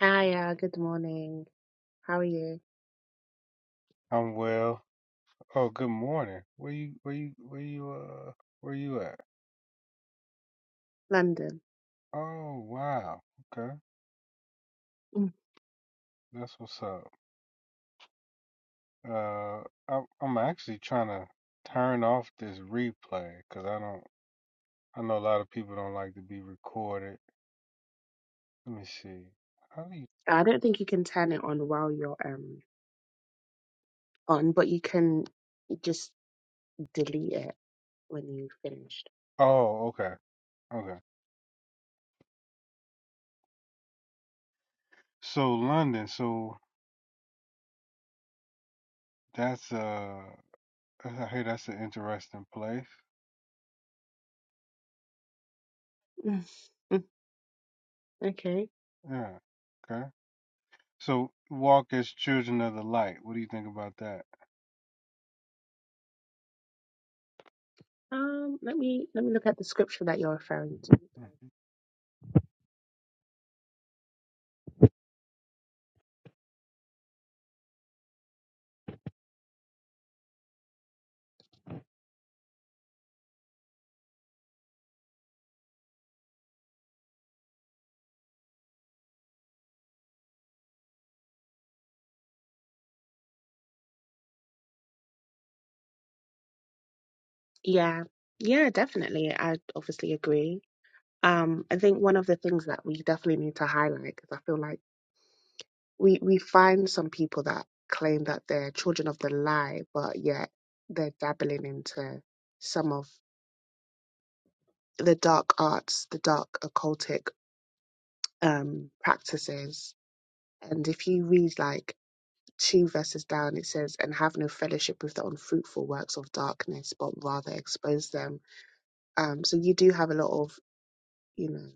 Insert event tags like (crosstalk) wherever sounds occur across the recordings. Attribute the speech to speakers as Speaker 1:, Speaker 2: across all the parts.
Speaker 1: Hiya, good morning. How are you? London. Mm. I don't think you can turn it on while you're um on, but you can just delete it when you've finished. Mm. Mm, Okay. Um, let me let me look at the scripture that you're referring to. Yeah. Yeah, definitely. I obviously agree. Um, I think one of the things that we definitely need to highlight, because I feel like we we find some people that claim that they're children of the lie, but yet they're dabbling into some of the dark arts, the dark occultic um, practices. And if you read like two verses down, it says, "And have no fellowship with the unfruitful works of darkness, but rather expose them." Um, so you do have a lot of you know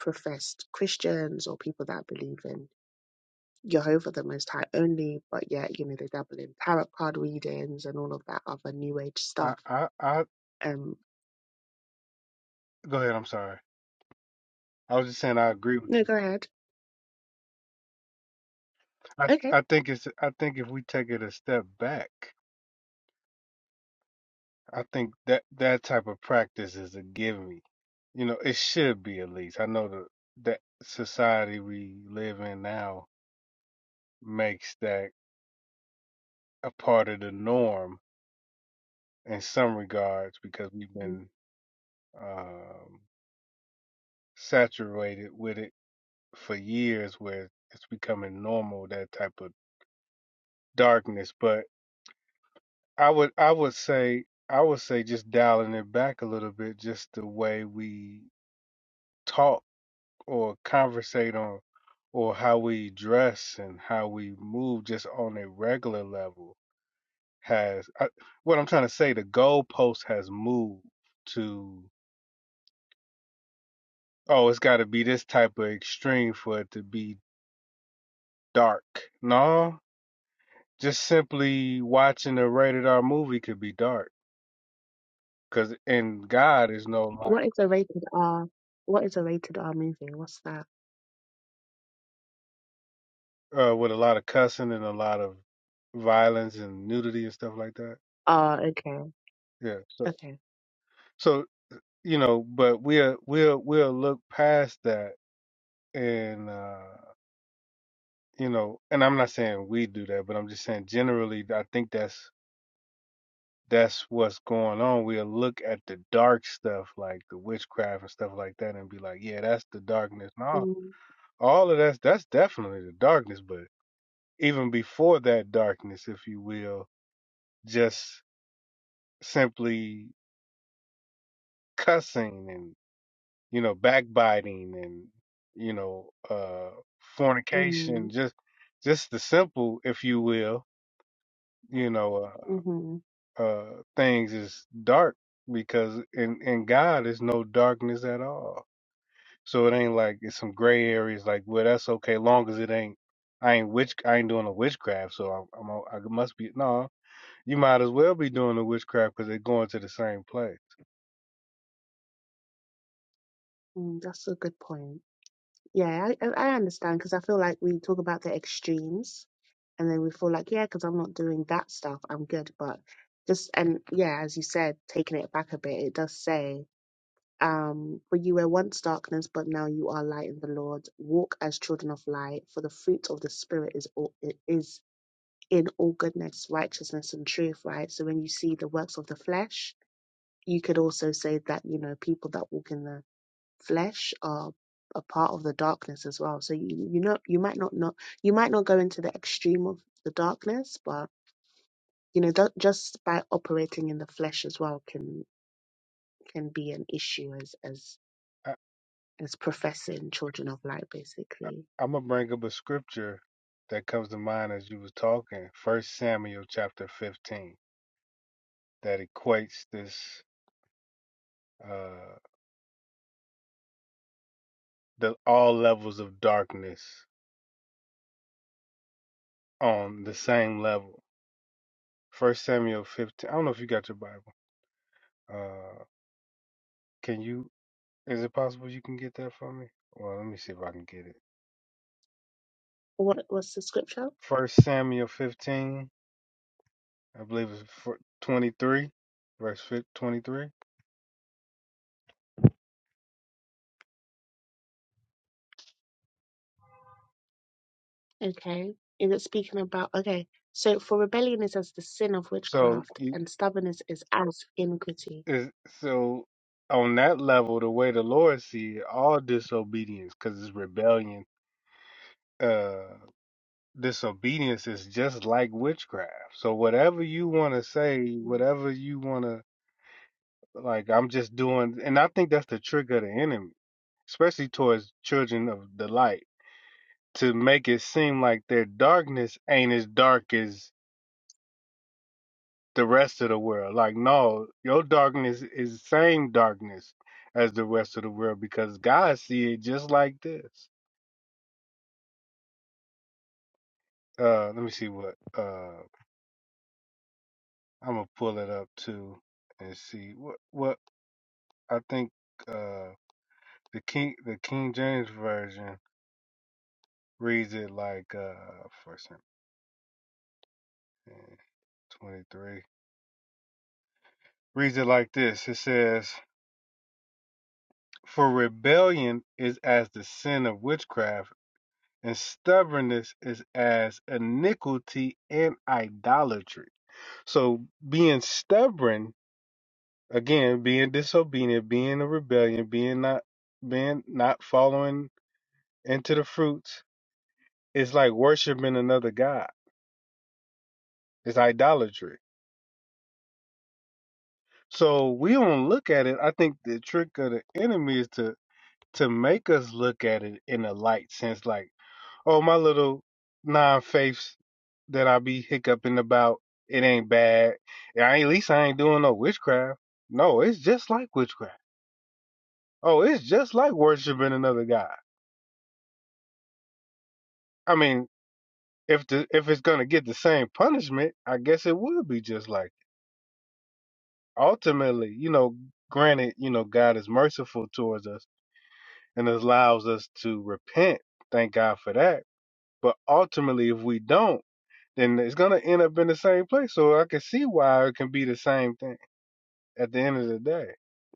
Speaker 1: professed Christians or people that believe in Jehovah the Most High only, but yet, you know, they dabble in tarot card readings and all of that other new age stuff. Um, no, go ahead. Okay. Mhm. What is a rated R? What is a rated R movie? What's that? Ah, okay. Okay. Mm, mm, mm-hmm, mm, that's a good point. Yeah, I, I I understand because I feel like we talk about the extremes and then we feel like, yeah, because I'm not doing that stuff, I'm good. But just, and yeah, as you said, taking it back a bit, it does say. Um, for you were once darkness, but now you are light in the Lord. Walk as children of light, for the fruit of the Spirit is all, it is in all goodness, righteousness, and truth. Right. So when you see the works of the flesh, you could also say that you know people that walk in the flesh are a part of the darkness as well. So you you know you might not not you might not go into the extreme of the darkness, but you know that just by operating in the flesh as well can can be an issue as as as professing children of light, basically. What was the scripture? Okay. Is it speaking about, okay, so for rebellion is as the sin of witchcraft, and stubbornness is as iniquity.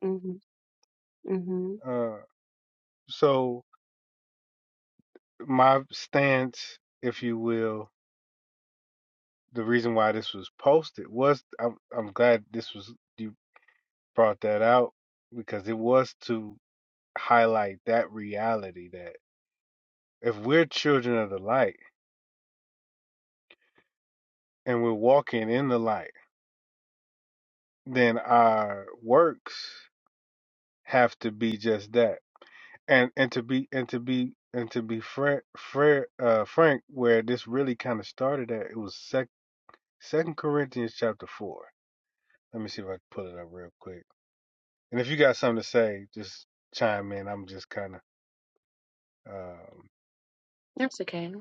Speaker 1: Mm-hmm. Mm-hmm. That's okay.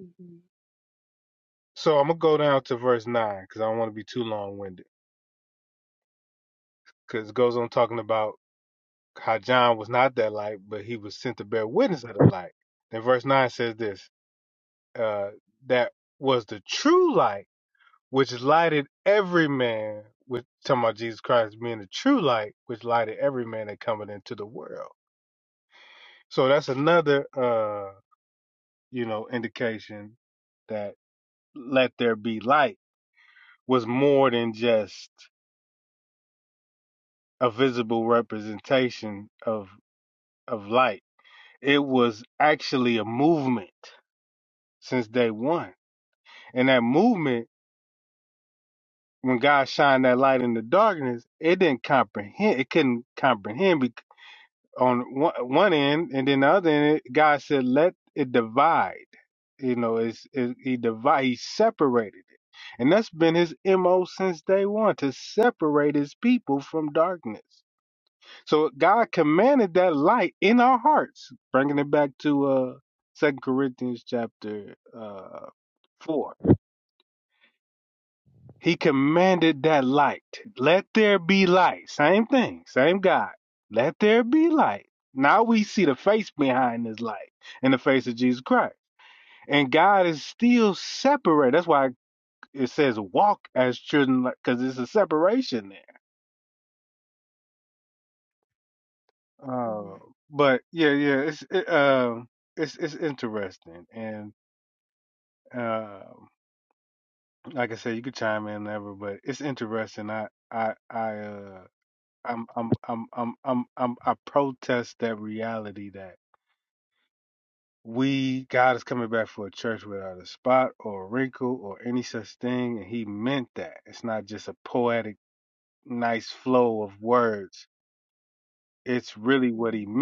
Speaker 1: Mm-hmm. Mm-hmm. Mm-hmm.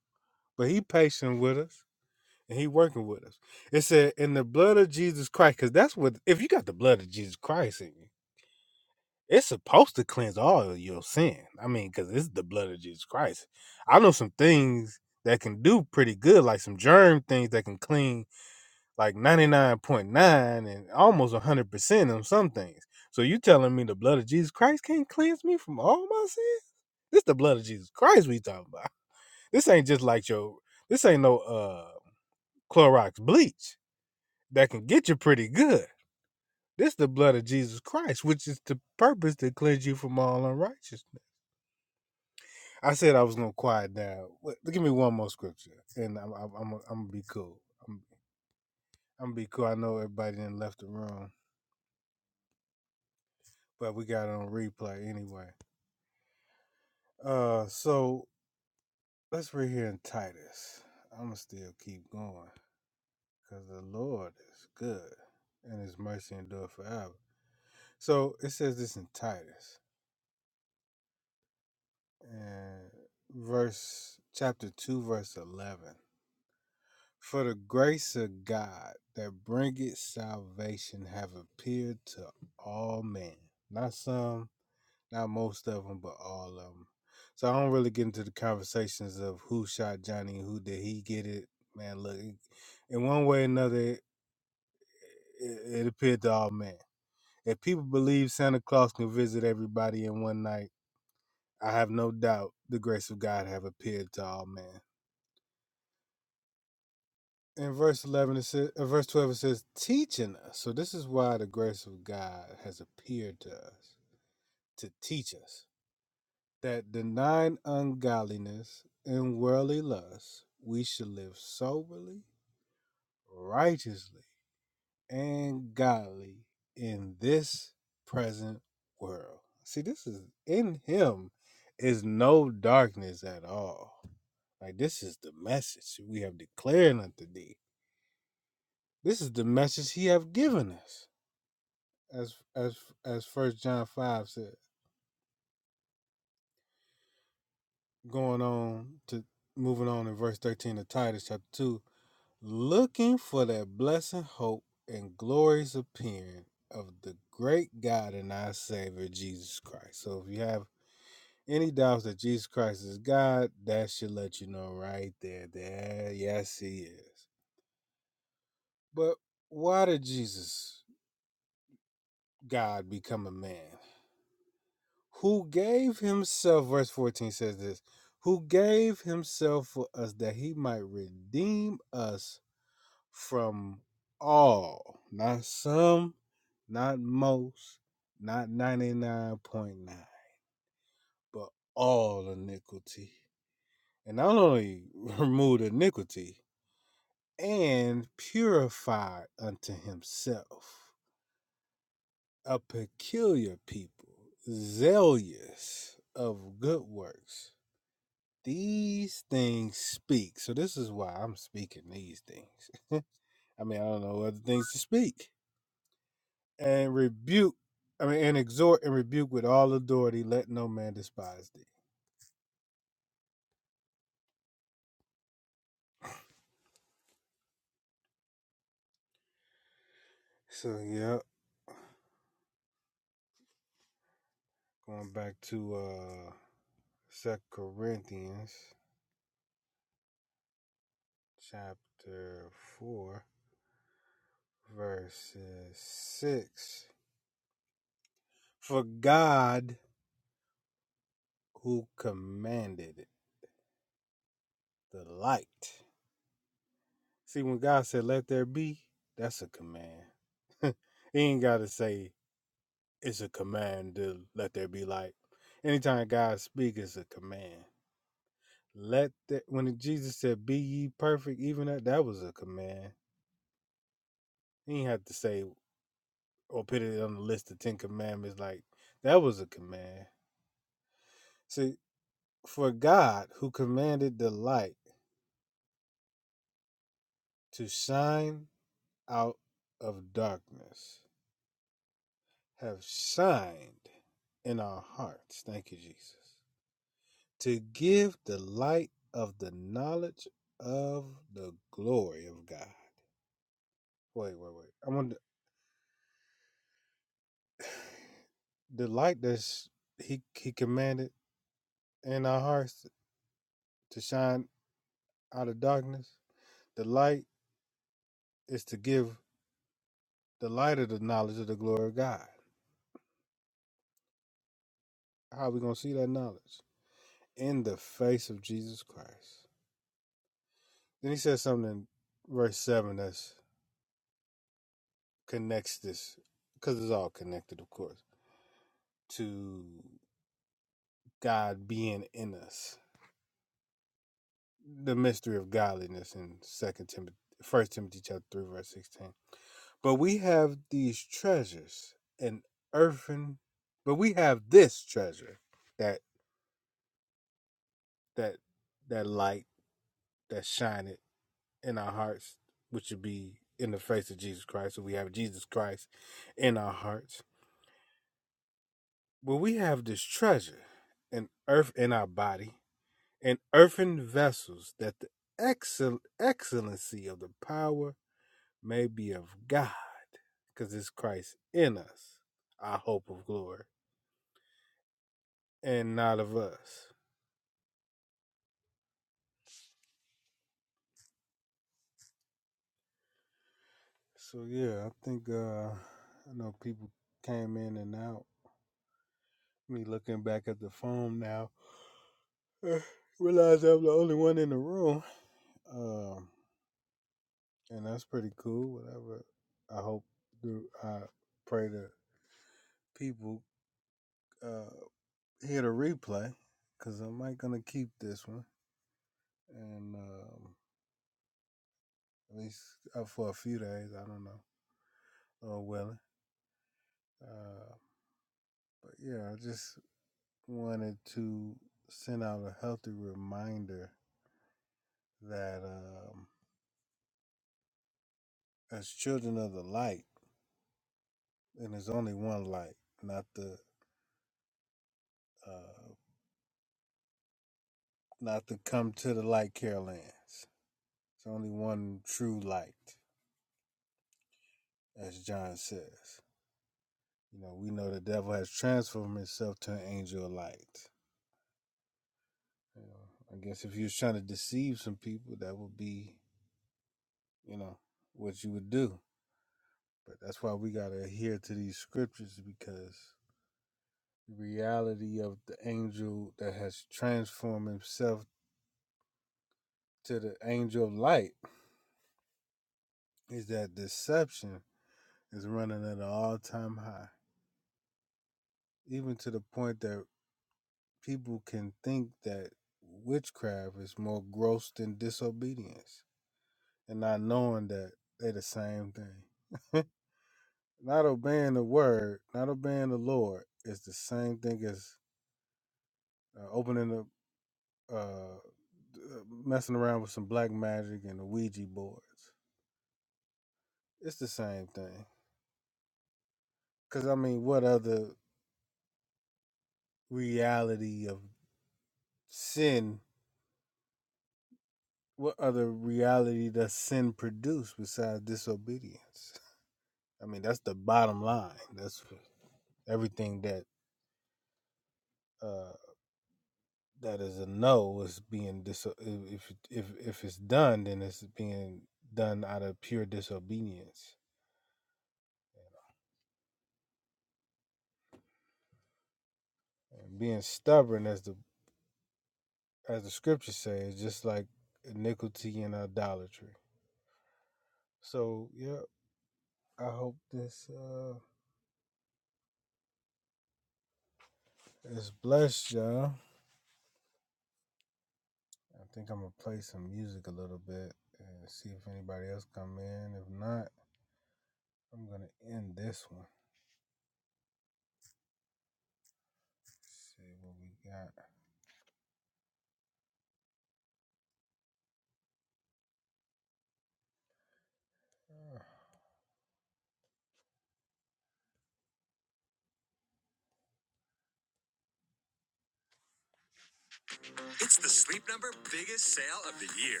Speaker 2: It's the Sleep Number biggest sale of the year.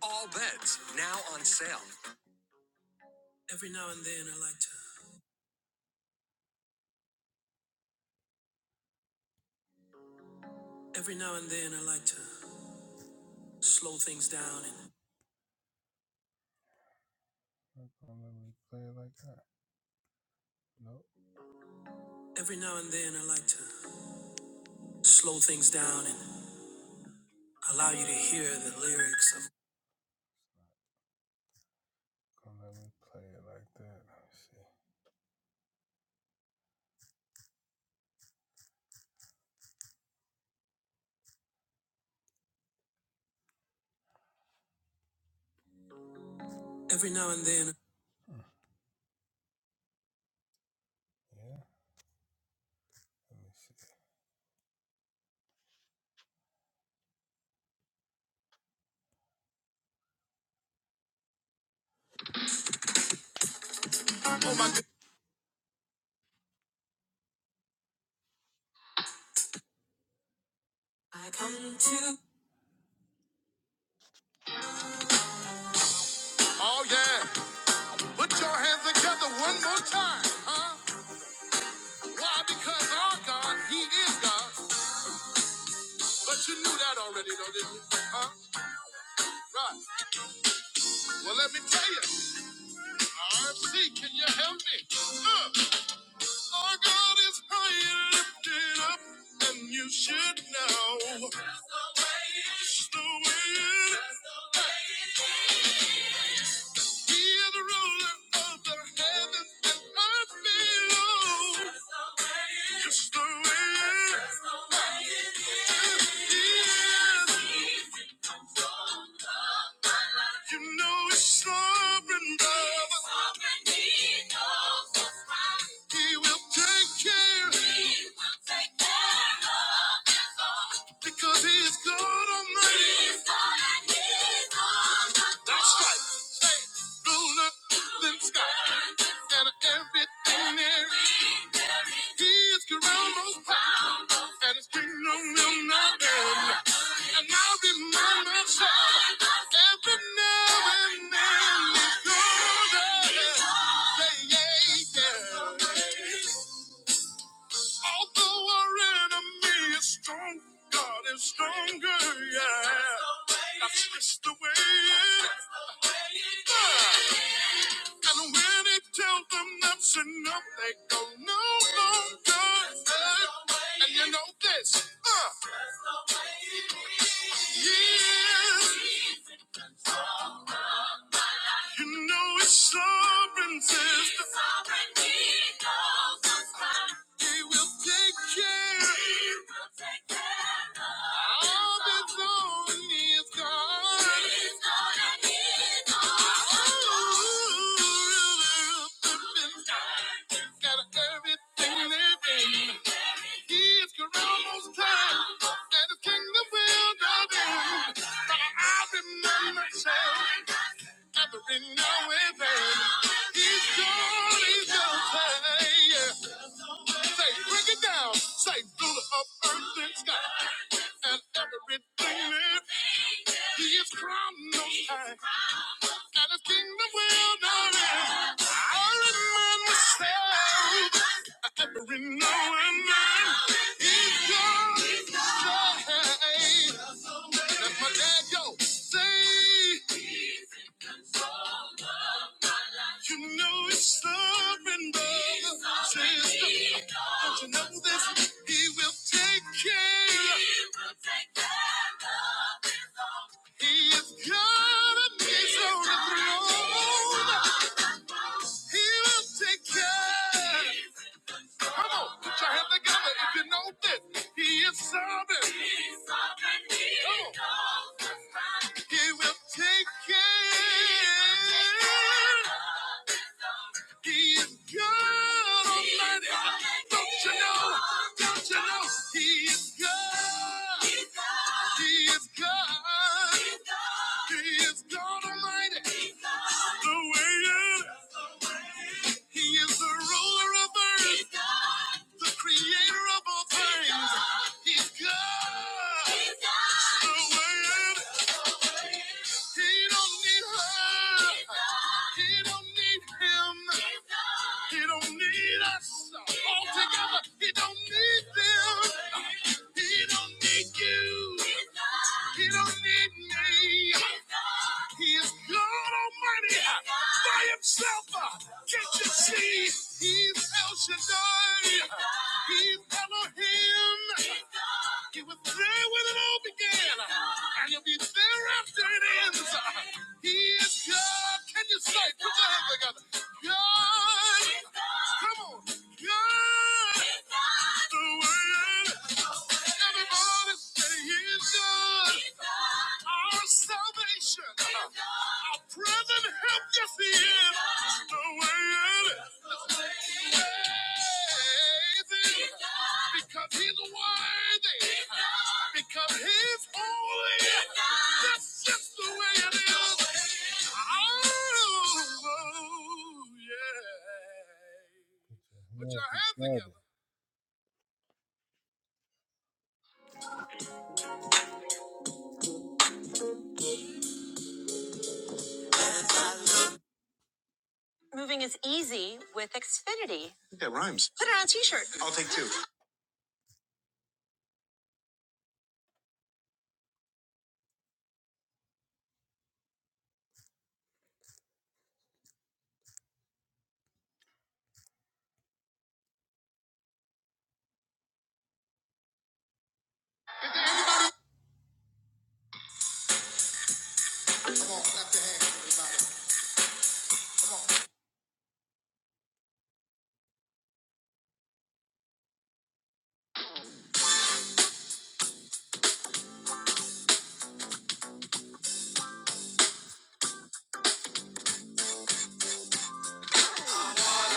Speaker 2: All beds now on sale. Every now and then I like to. Every now and then I like to slow things down and every now and then I like to slow things down and allow you to hear the lyrics of every now and then. Oh my god. I come to Oh yeah. Put your hands together one more time, huh? Why? Because our God, He is God. But you knew that already, though, didn't you? Huh? Right. Well, let me tell you. I'm sick, can you help me? Uh, our God is high and lifted up, and you should know. Just the way it is. He is the ruler of the heavens and earth below. Just the way it is. He is. You know it's sovereign, Baba. Sovereignty knows what's right. He will take care. He will take care of us all. Because he is God Almighty. He is God and he is all that That's right. Say, ruler than sky. And everything there is. He is crowned most high. And his kingdom will not end. And I'll remember every now and then it's good. Yeah, yeah, yeah. Although our enemy is strong, God is stronger, yeah. That's just the way it is. And when he tells them that's enough, they go no longer. Uh, and you know this. Uh, yeah. You know his sovereignty. His sovereignty knows what's right. He will take care. He will take care of all that's on his God. He's God and he's all. Oh, really up and down. Got everything living. He is Corona's time, and his kingdom will not end. But I remember myself. Every now and then, he's gone, he's gone, yeah. Say, break it down. Say, through the up, earth, and sky, and everything lives. He is crowned most high, and his kingdom will not end. I remind myself, every now and then, he's gone, he's gone. That's my dad, yo. Say. You know it's sovereign, brother. Sister, don't you know this? He will take care. He is God and He's on the throne. He will take care. Come on, put your hands together if you know this. He is sovereign. He is sovereign. He Come on. knows what's right. He will take care. He is God Almighty. Don't you know? Don't you know? He is God. He is God. He is God. He is God Almighty. The way it is. He is the ruler of earth. He's God. The creator of all He's things. God. He's God. He's God. The word. He don't need her. He's God. He don't need him. He's God. He don't need us all together. He don't need them. He don't need you. He's God. He don't don't need me. He is God Almighty by himself. uh, Can't you see? He's El Shaddai. He's Elohim. He was there when it all began, and he'll be there after it ends. He is God. Can you say? Put your hands together. God. Come on. Because he's worthy. Because he's holy. That's just the way it is. Oh, yeah. What y'all having? Here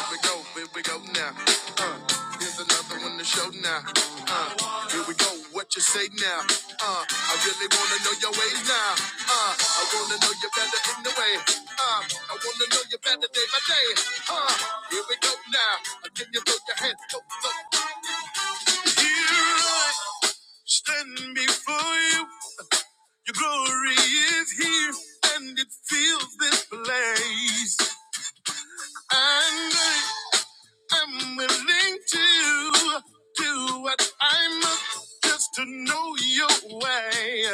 Speaker 2: we go, here we go now. Uh, here's another one to show now. Uh, here we go, what you say now? Uh, I really wanna know your ways now. Uh, I wanna know you better in the way. Uh, I wanna know you better day by day. Uh, here we go now. I give you both your hands. Go, go. Here I stand before you. Your glory is here, and it fills this place. And I I'm willing to do what I must just to know your way.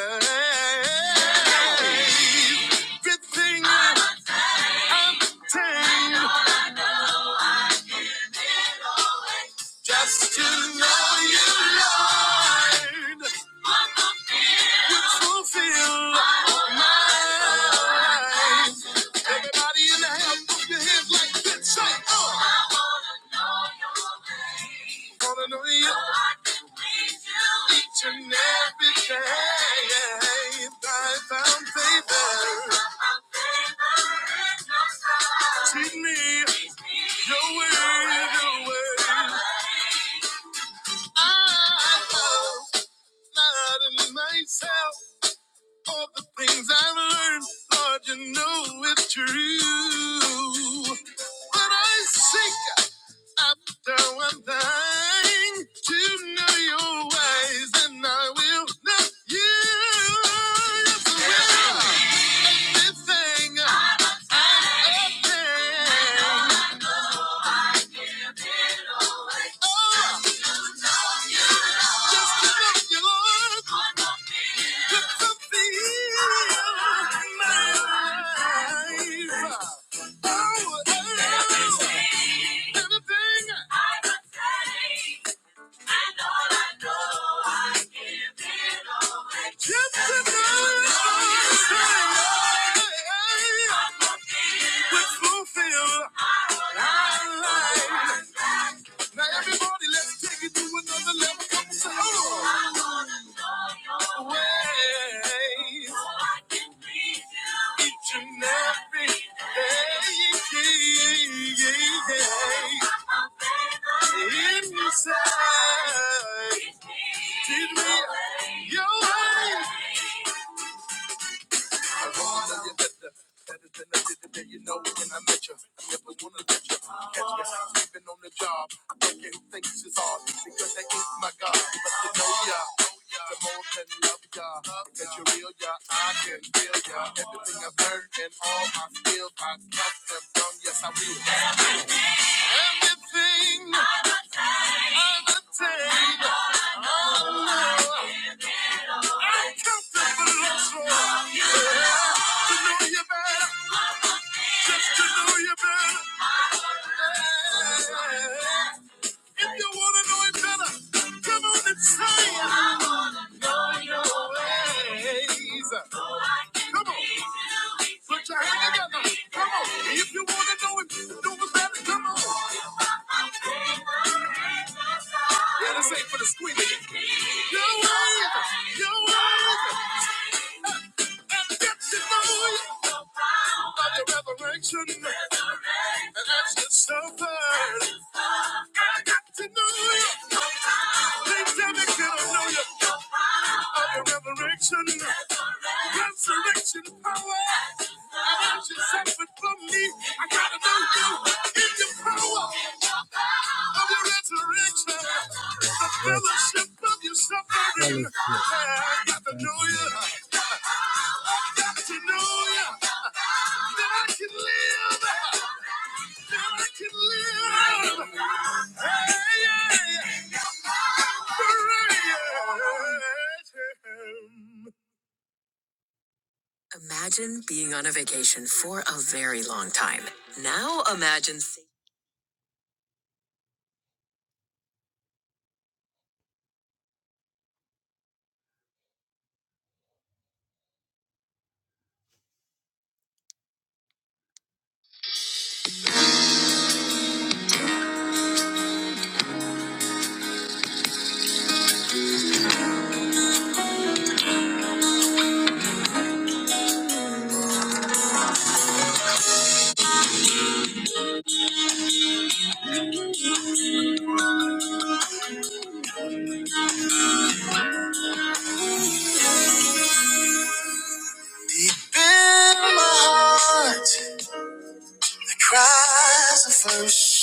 Speaker 2: Everything I obtain, just to know you, Lord, would fulfill my life. Everybody in the house, put your hands like this. Say, oh. I wanna know your name. Wanna know you. So I can please you each and every day. I found favor. I Found favor in your sight. Treat me. Your word, your word. I love myself for the things I've learned. Lord, you know it's true. But I seek after one thing to know your ways, and I will know you. Yes, I will thing. I'm a Oh. Oh, oh. Everything. Everything. I'm a Fulfill our lives. Now everybody, let's take it to another level. Come on, say, oh. I wanna know your ways. So I can please you. Each and every day. Yeah, yeah, yeah. Inside. Teach me your ways. I wanna tell your sister that it's been a day you know when I met you. I never wanna let you catch me sleeping on the job. I don't care who thinks it's hard because that ain't my God. But you know ya, the more than love ya, that you're real ya, I can feel ya. Everything I've learned and all my skills, I cast them done. Yes, I will. Everything I've attained, I come to belong to know you better. just to know you better. If you want to know it better, come on and say it. I want to know your ways. So Come on. Put your hand together. Come on. If you want to know it, do it better. Come on. Yeah, this ain't for the squeaky. You're worthy. You're worthy. Resurrection, and that's your suffered. I got to know you. They tell me, can I know you? Of your resurrection, resurrection power. And that's your suffered for me. I gotta know you in your power. Of your resurrection. Fellowship of your suffering. I got to know you. I got to know you. That I can live. That I can live. Hey, yeah. Hooray. Imagine being on a vacation for a very long time. Now imagine. Deep in my heart, cries the first.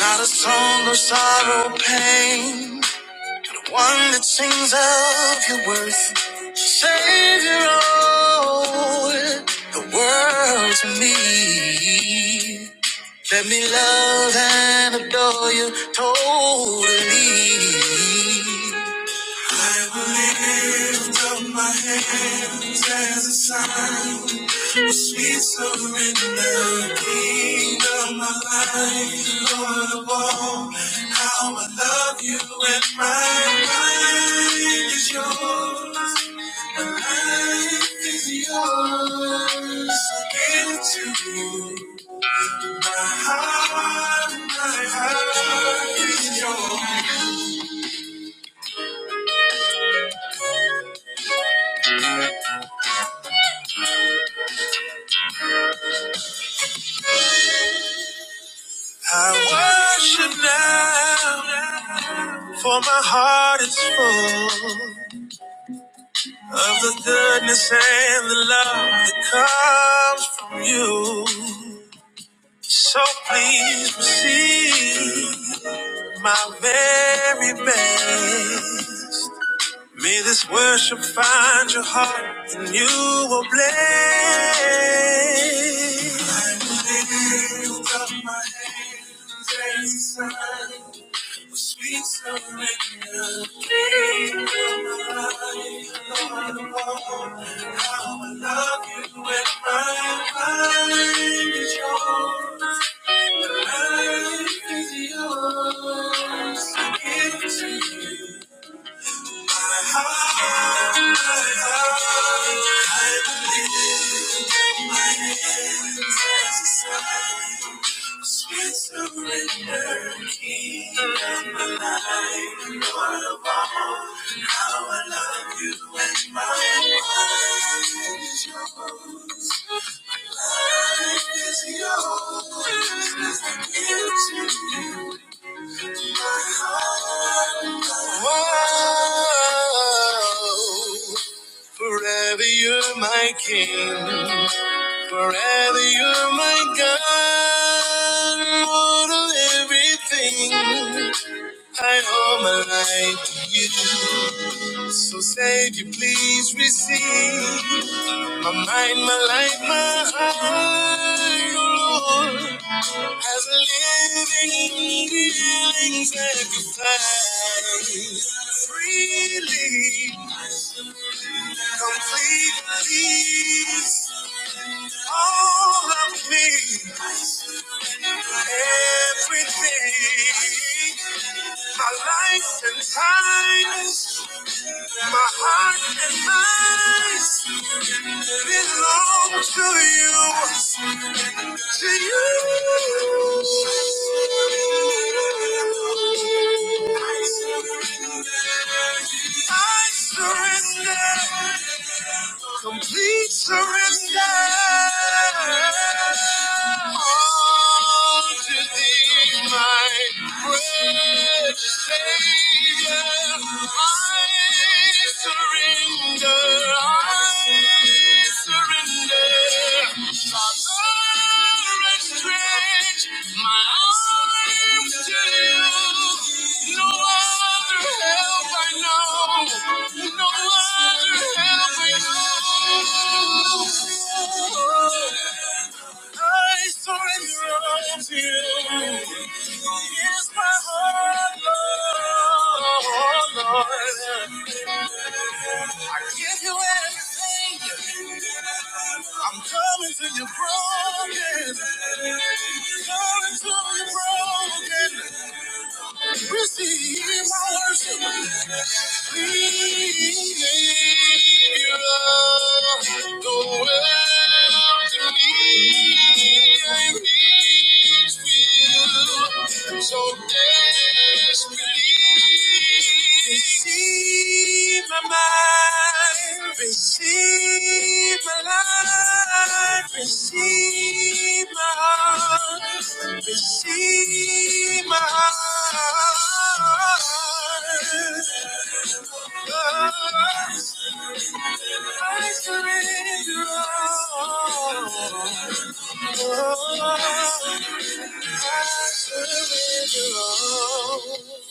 Speaker 2: Not a song of sorrow, pain, the one that sings of your worth. Savior, oh, the world to me. Let me love and adore you totally. I will lift up my hands as a sign of sweet surrender, King of my life, Lord of all. How I love you and my mind is yours, is yours. Into I worship now, for my heart is full. of the goodness and the love that comes from you. So please receive my very best. May this worship find your heart and you will bless. I will lift up my hands as a sign of sweet surrender. Give me your mind, Lord. I give to you. my heart. My hands as a sign, sweet surrender, King of my life, Lord of all. How I love you and my life is yours. My Life is yours. As I give to you my heart. Whoa. Forever you're my king. Forever you're my God. Lord of everything. I owe my life to you. So Savior, please receive my mind, my life, my heart, Lord, as a living, healing sacrifice. Freely. Completely all of me, everything, my life and times, my heart and eyes belong to you, to you. I surrender, complete surrender. All to thee thee, my precious Savior. I I surrender. I surrender. Father, Stretch my arms to you. No one help I know. No other help I know. I surrender all to you. Here's my heart, Lord. I give you everything. I'm coming to you broken. Coming to you broken. Receive my worship. Savior, go after me. I need you so desperately. Receive my mind. Receive my life. Receive Receive my heart, receive my heart. I surrender all. I surrender all.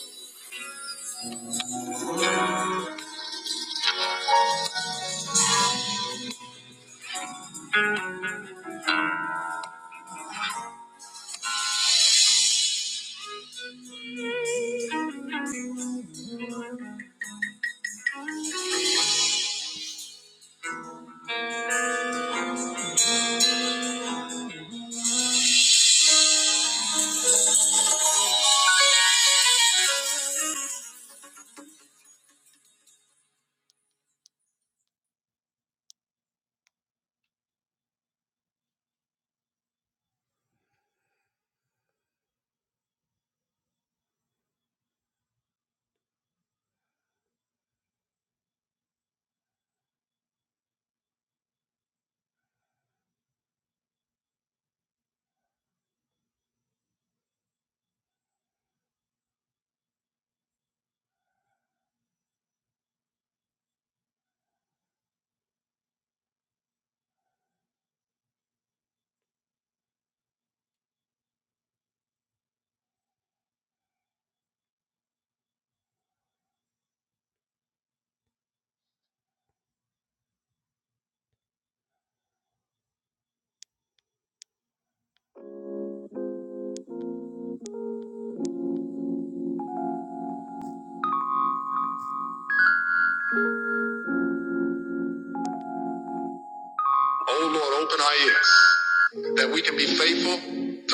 Speaker 2: Oh Lord, open our ears that we can be faithful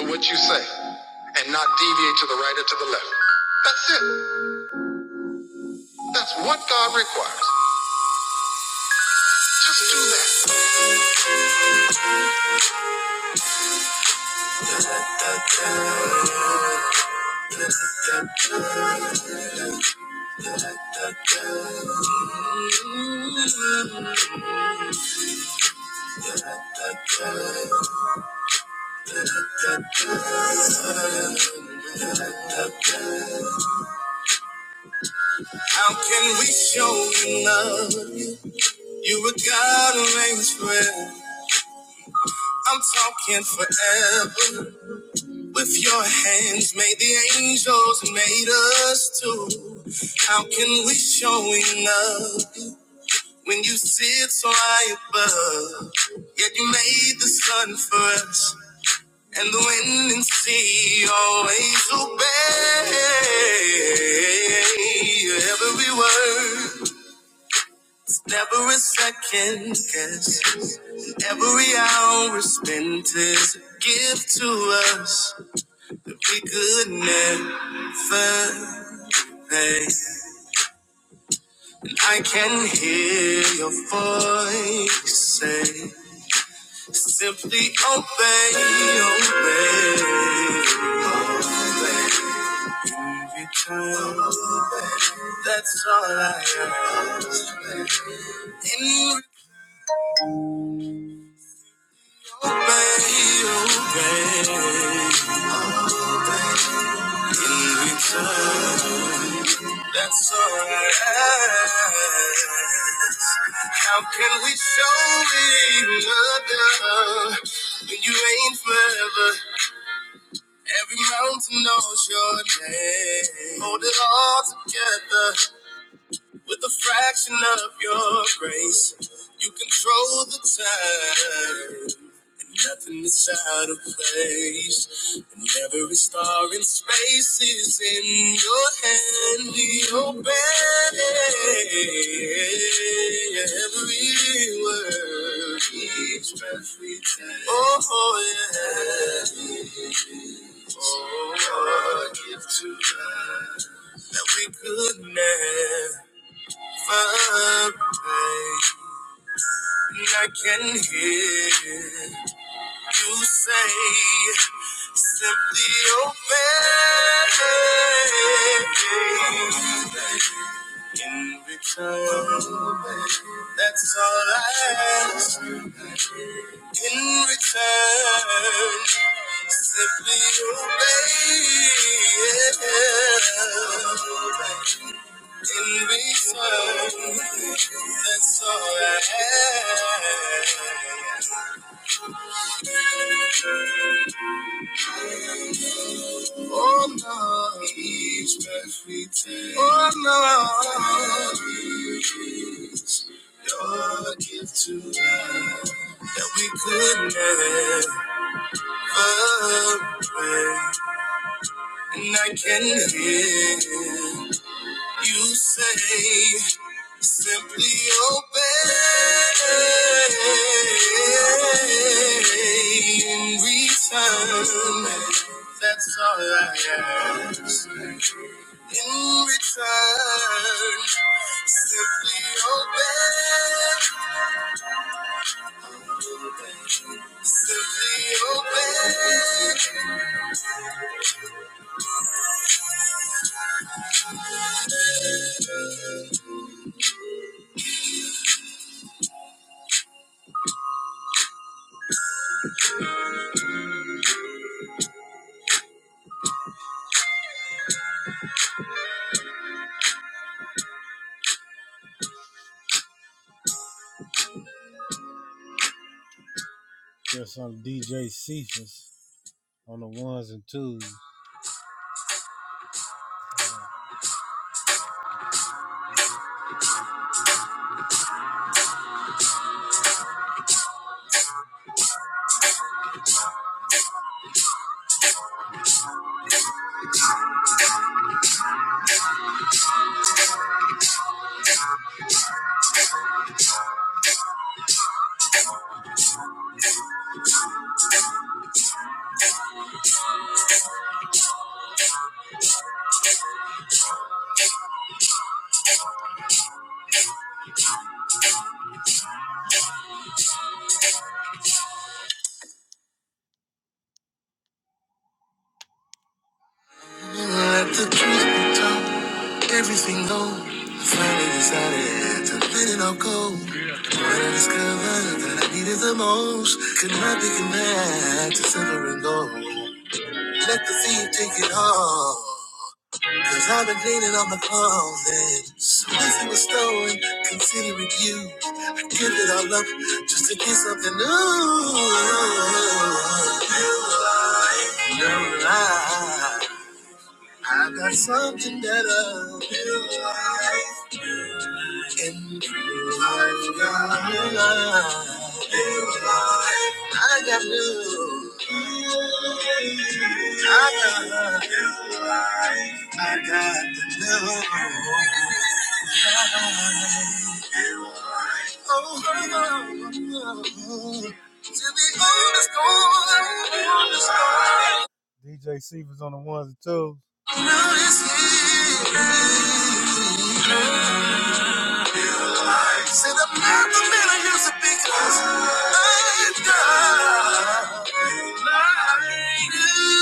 Speaker 2: to what you say and not deviate to the right or to the left. That's it. That's what God requires. Just do that. How can we show you love? You were God who reigns forever. I'm talking forever. With your hands made the angels and made us too. How can we show you love when you sit so high above? Yet you made the sun for us and the wind and sea always obey every word. Never a second guess. Every hour spent is a gift to us that we could never pay. I can hear your voice say, simply obey, obey, obey. In return, that's all I ask. In Obey, obey. In return, that's all I ask. How can we show another when you ain't forever? Every mountain knows your name. Hold it all together. With a fraction of your grace, you control the time. And nothing is out of place. And every star in space is in your hand. We obey every word, each breath we take. Oh, yeah. Oh, give to us that we could never. pay. I can hear you say, simply obey. In return, that's all I ask. In return, simply obey. In return, that's all I have. Oh no, each breath we take. Oh no, is your gift to us that we could never break. And I can hear. You say simply obey in return. That's all I ask. In return, simply obey. Simply obey. Let the truth be told. Everything goes. I Finally decided to let it all go. When I discovered that I needed the most, could not be compared to silver and gold. Let the thief take it all. Cause I've been cleaning on the closet. So if it was stolen, consider it used. I give it all up just to get something new. New life, new life. I got something that'll build life and build life, God. Build life. I got new. I got new life. I got the new life. Oh, oh, oh, oh. To be on the storm, Say the mountain man I used to be cause I died like you.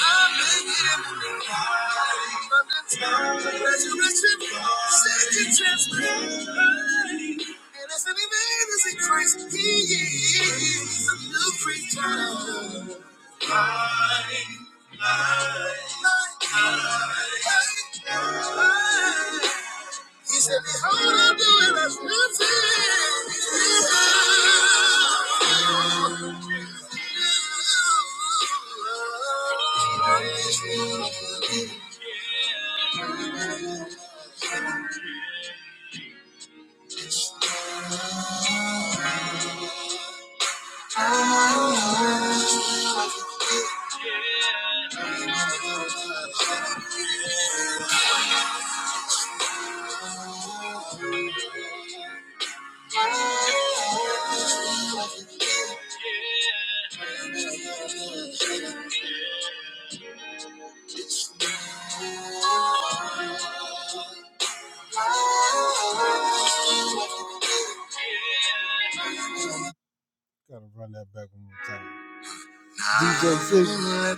Speaker 2: I've been in from the time of resurrection, second chance. We made this increase. He is a new creature. He said, Behold, I'm doing a new thing. Let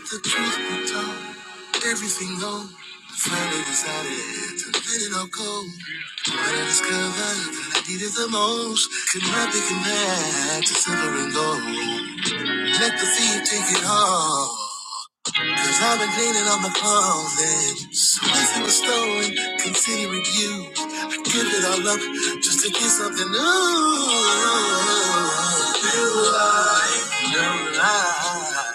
Speaker 2: the truth be told, everything gone. Finally decided to let it all go. When I discovered that I needed the most, could not be compared to silver and gold. Let the feet take it all. Cause I've been cleaning up my closet. Once it was stolen, consider it used. I give it all up just to get something new. New life, new life.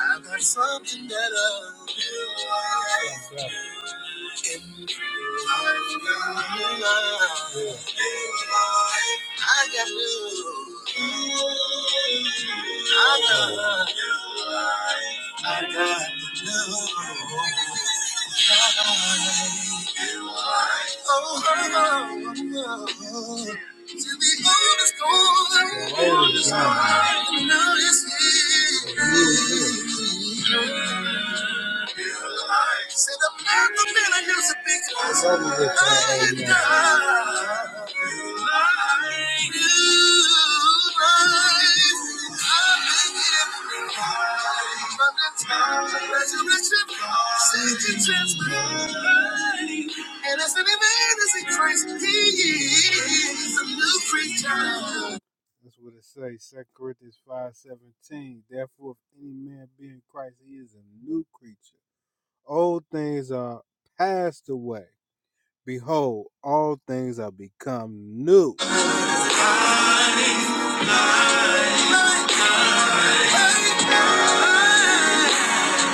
Speaker 2: I've got something that I'll do. Yes, Yeah. And I've got new life. Yeah. I got you. I got life. I got new life. Oh, oh, oh, oh. To be honest, oh, now it's here. Said the man, the man I used to be close. Like you, right? I've been here from the time of resurrection. Seeking transformation. And as any man is in Christ, he is a new child.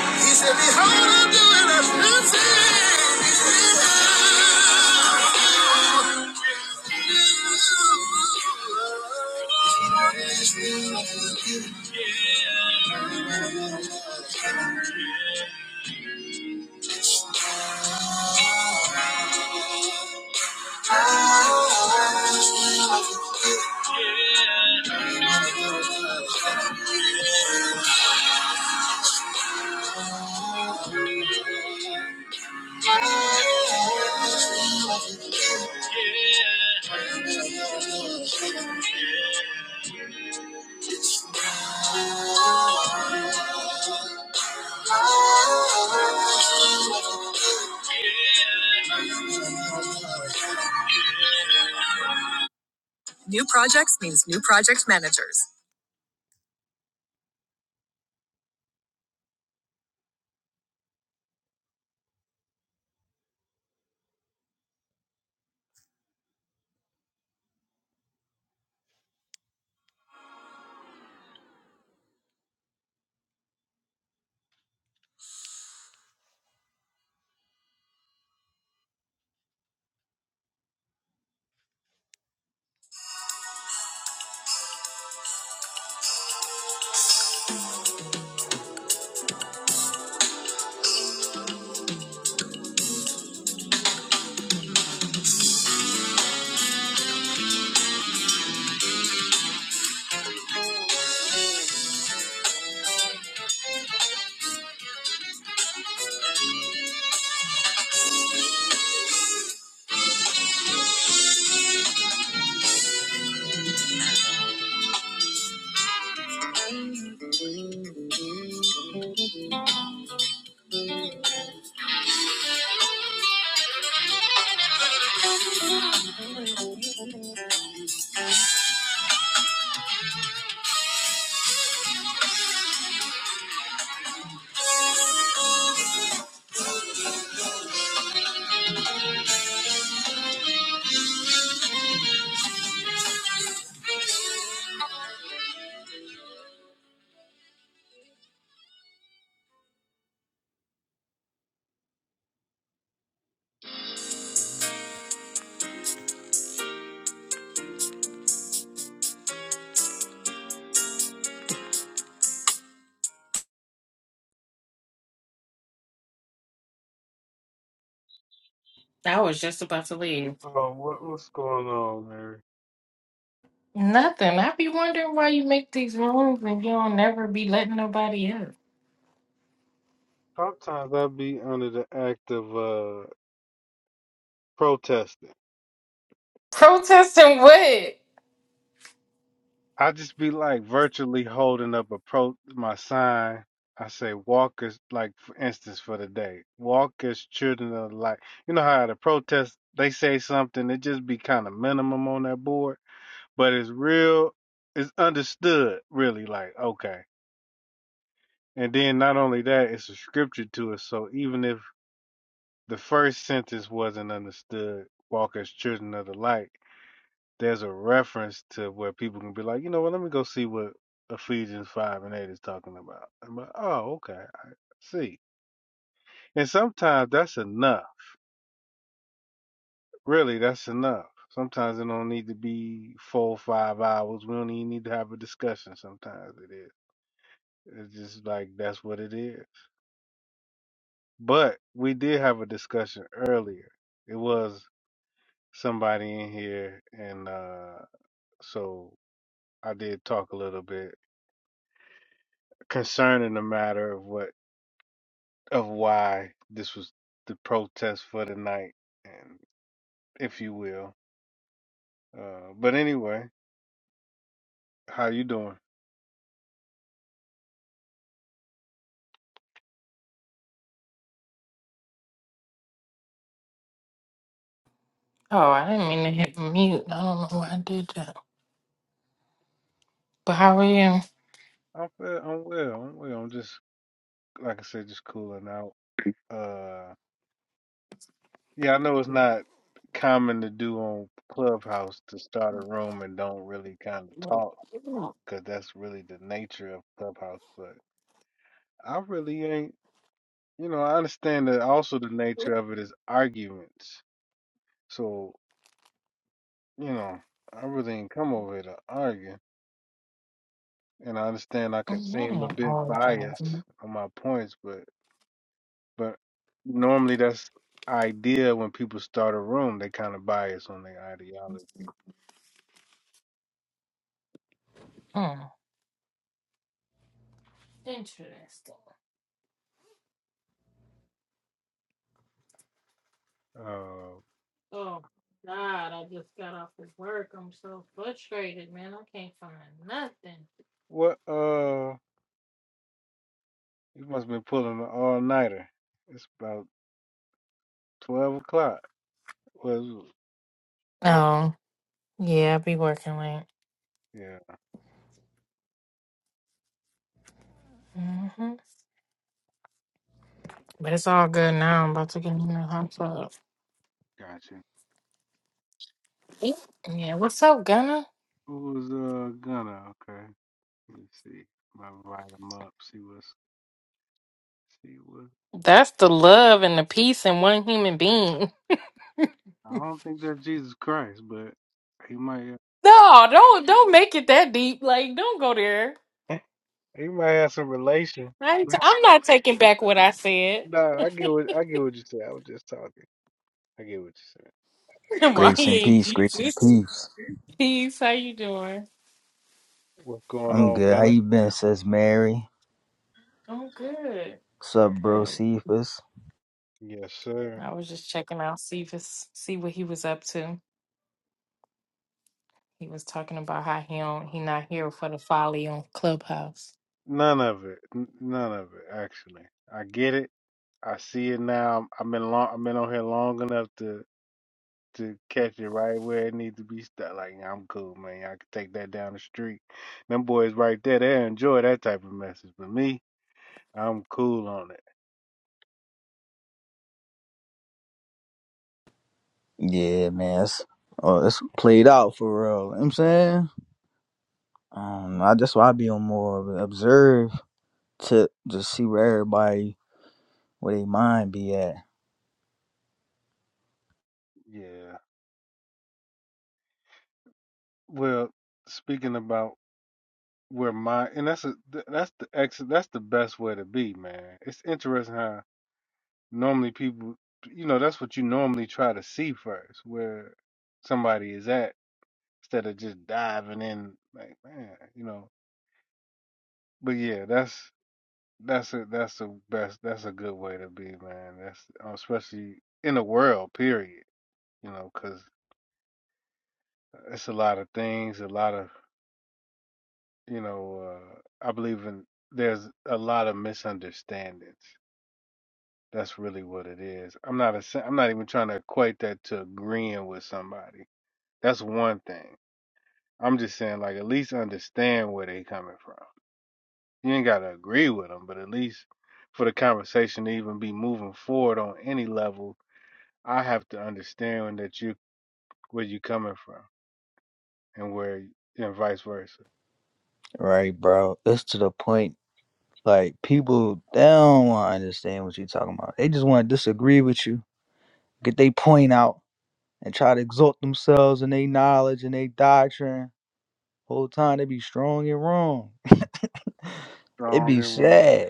Speaker 2: He said, Behold, I'm doing a new thing. Yeah. New projects means new project managers.
Speaker 3: I was just about to leave. Nothing. I be wondering why you make these rooms and you don't never be letting nobody up. Protesting what? Oh, I didn't mean to hit mute. I don't know why I did that. But how are you? Mm, That ain't always awesome. Mm. Interesting. Oh God, I just got off of work. I'm so frustrated, man. I can't find nothing. Oh yeah, I be working late. Mm-hmm. But it's all good now. I'm about to get in the hot tub. Yeah, what's up, Gunna? That's the love and the peace in one human being. (laughs) No, don't don't make it that deep. Like, don't go there. I ain't- I'm not taking back what I said. (laughs) Why
Speaker 4: Grace
Speaker 3: he
Speaker 4: and
Speaker 3: ain't
Speaker 4: peace, grace and
Speaker 3: Jesus?
Speaker 4: peace.
Speaker 3: Peace. How you doing?
Speaker 4: I'm good. How you been, says Mary?
Speaker 3: I'm good.
Speaker 4: Sup, bro,
Speaker 3: Good.
Speaker 4: Cephas?
Speaker 3: I was just checking out, see if it's, see what he was up to. He was talking about how he don't, he not here for the folly on Clubhouse.
Speaker 4: Yeah, man. It's, oh, it's played out for real. You know what I'm saying? Um, I, that's why I be on more of an observe to just see where everybody, where they mind be at. Right, bro. It's to the point, like, people, they don't want to understand what you're talking about. They just want to disagree with you, get they point out, and try to exalt themselves and their knowledge and their doctrine Whole time they be strong and wrong. (laughs) It be sad.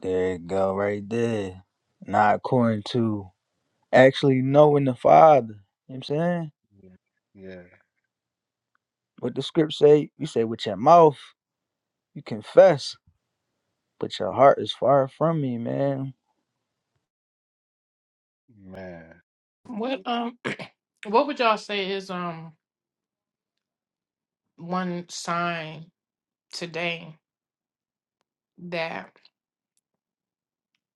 Speaker 4: There it go, right there. Not according to actually knowing the Father. You know what I'm saying? What the script say, you say with your mouth, you confess, but your heart is far from me, man.
Speaker 3: What um (clears throat) what would y'all say is um one sign today that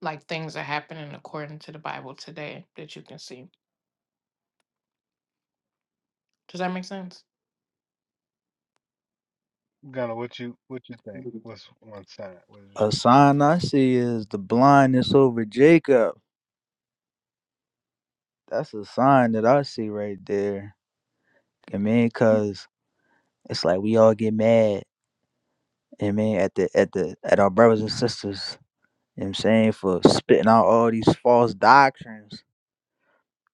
Speaker 3: like things are happening according to the Bible today that you can see? Does that make sense?
Speaker 4: A sign I see is the blindness over Jacob. That's a sign that I see right there. I mean, cause it's like we all get mad. I mean, at the at the at our brothers and sisters. You know what I'm saying? For spitting out all these false doctrines.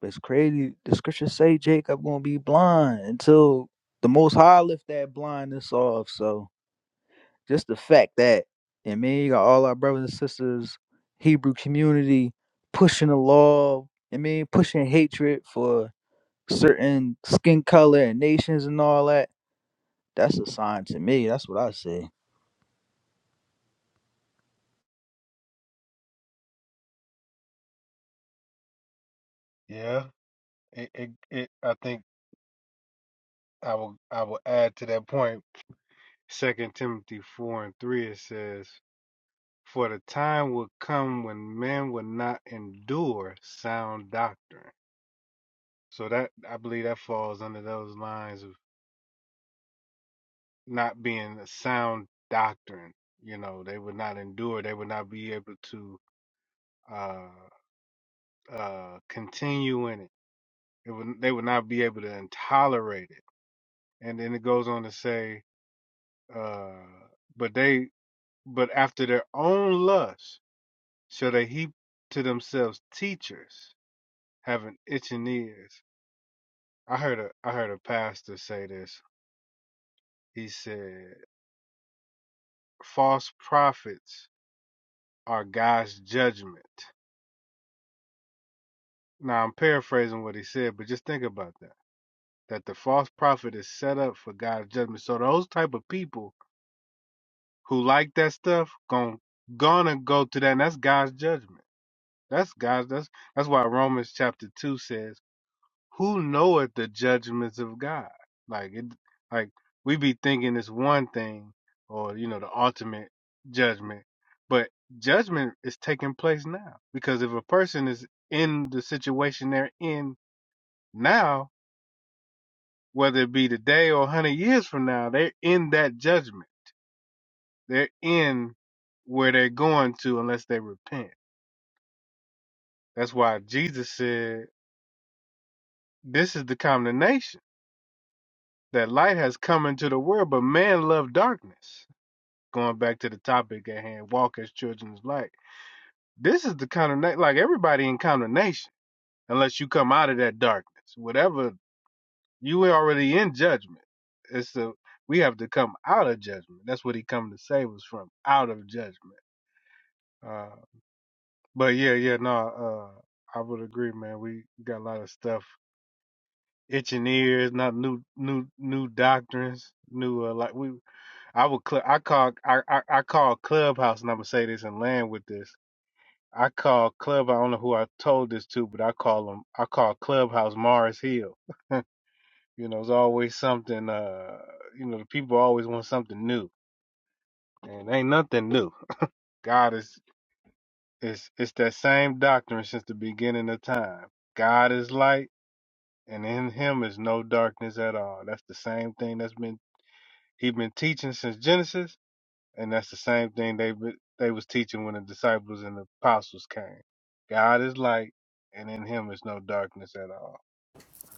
Speaker 4: But it's crazy. The scriptures say Jacob gonna be blind until the most high lift that blindness off. So just the fact that and me, you got all our brothers and sisters, Hebrew community pushing the law, I mean pushing hatred for certain skin color and nations and all that. That's a sign to me. That's what I say.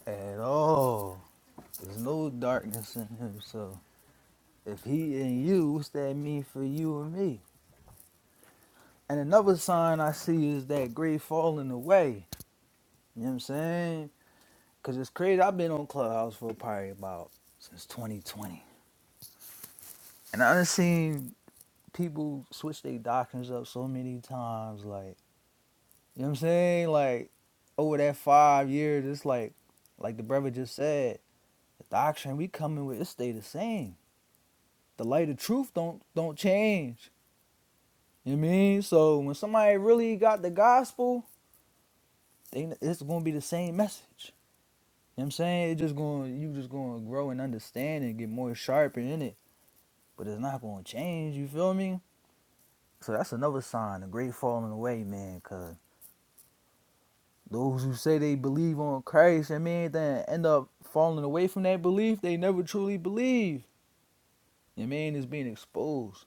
Speaker 4: At all. There's no darkness in him, so If he and you, what's that mean for you and me? And another sign I see is that grade falling away. You know what I'm saying? Cause it's crazy. I've been on Clubhouse for probably about since 2020, and I've seen people switch their doctrines up so many times. Like you know what I'm saying? Like over that five years, it's like, like the brother just said, the doctrine we coming with it stay the same. The light of truth don't don't change. You know what I mean? So when somebody really got the gospel they, it's gonna be the same message. You know what I'm saying? It's just going you just gonna grow and understand and get more sharper in it. But it's not gonna change, you feel me? So that's another sign, a great falling away, man, cause those who say they believe on Christ, I mean, then end up falling away from that belief they never truly believe. You know what I mean it's being exposed.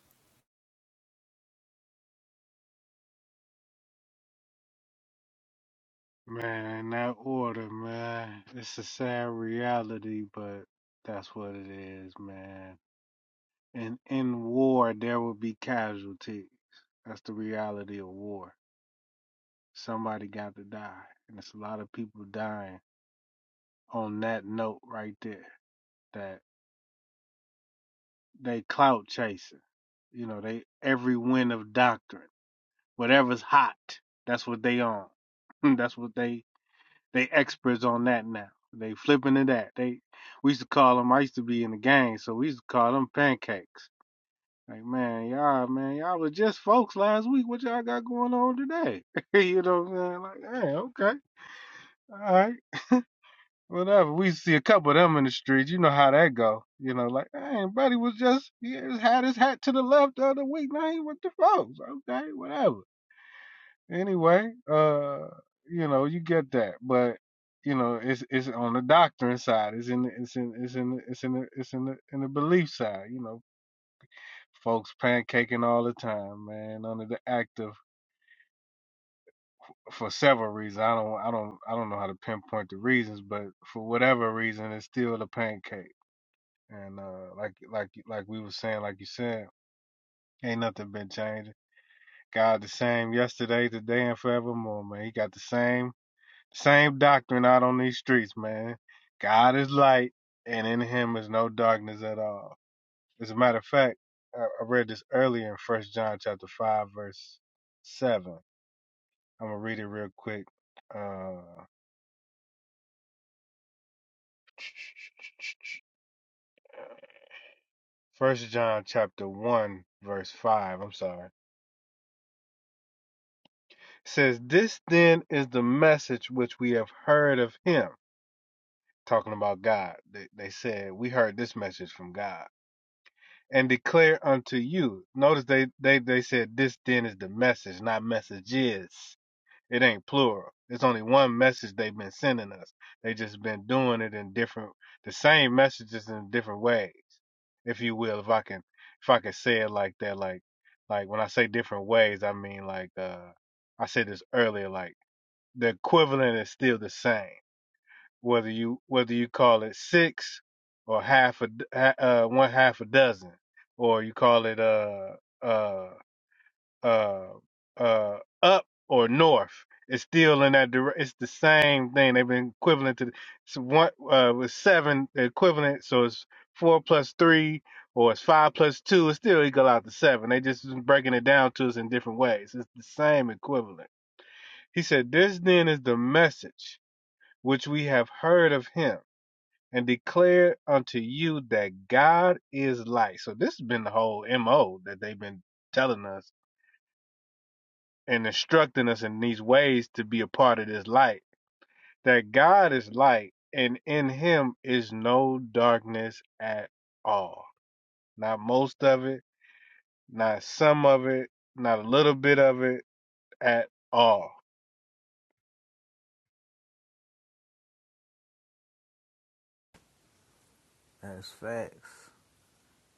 Speaker 4: That's facts.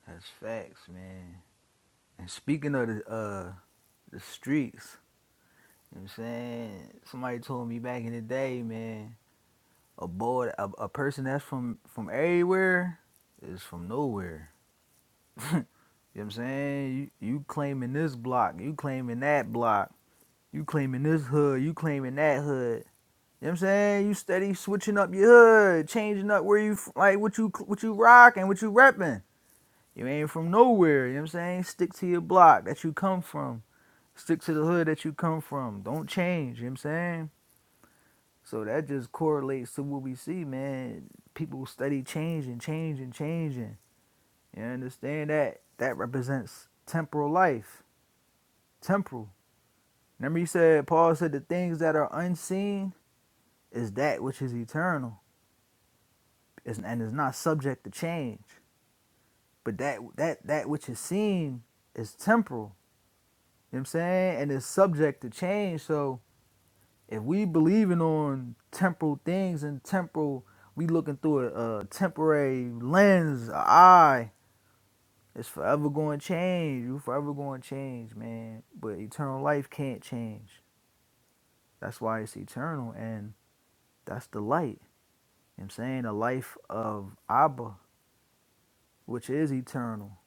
Speaker 4: That's facts, man. And speaking of the uh the streets, you know what I'm saying? Somebody told me back in the day, man, a boy, a, a person that's from from everywhere is from nowhere. You know what I'm saying? You, you claiming this block, you claiming that block, you claiming this hood, you claiming that hood. You know what I'm saying? You steady switching up your hood, changing up where you f- like what you what you rocking, what you repping. You ain't from nowhere. You know what I'm saying? Stick to your block that you come from. Stick to the hood that you come from. Don't change. You know what I'm saying? So that just correlates to what we see, man. People study changing, changing, changing. You understand that? That represents temporal life. Temporal. Remember you said Paul said the things that are unseen is that which is eternal. Is and is not subject to change. But that that that which is seen is temporal. You know what I'm saying? And is subject to change. So if we believing on temporal things and temporal we looking through a, a temporary lens a eye it's forever going to change you forever going to change man but eternal life can't change that's why it's eternal and that's the light you know what i'm saying the life of abba which is eternal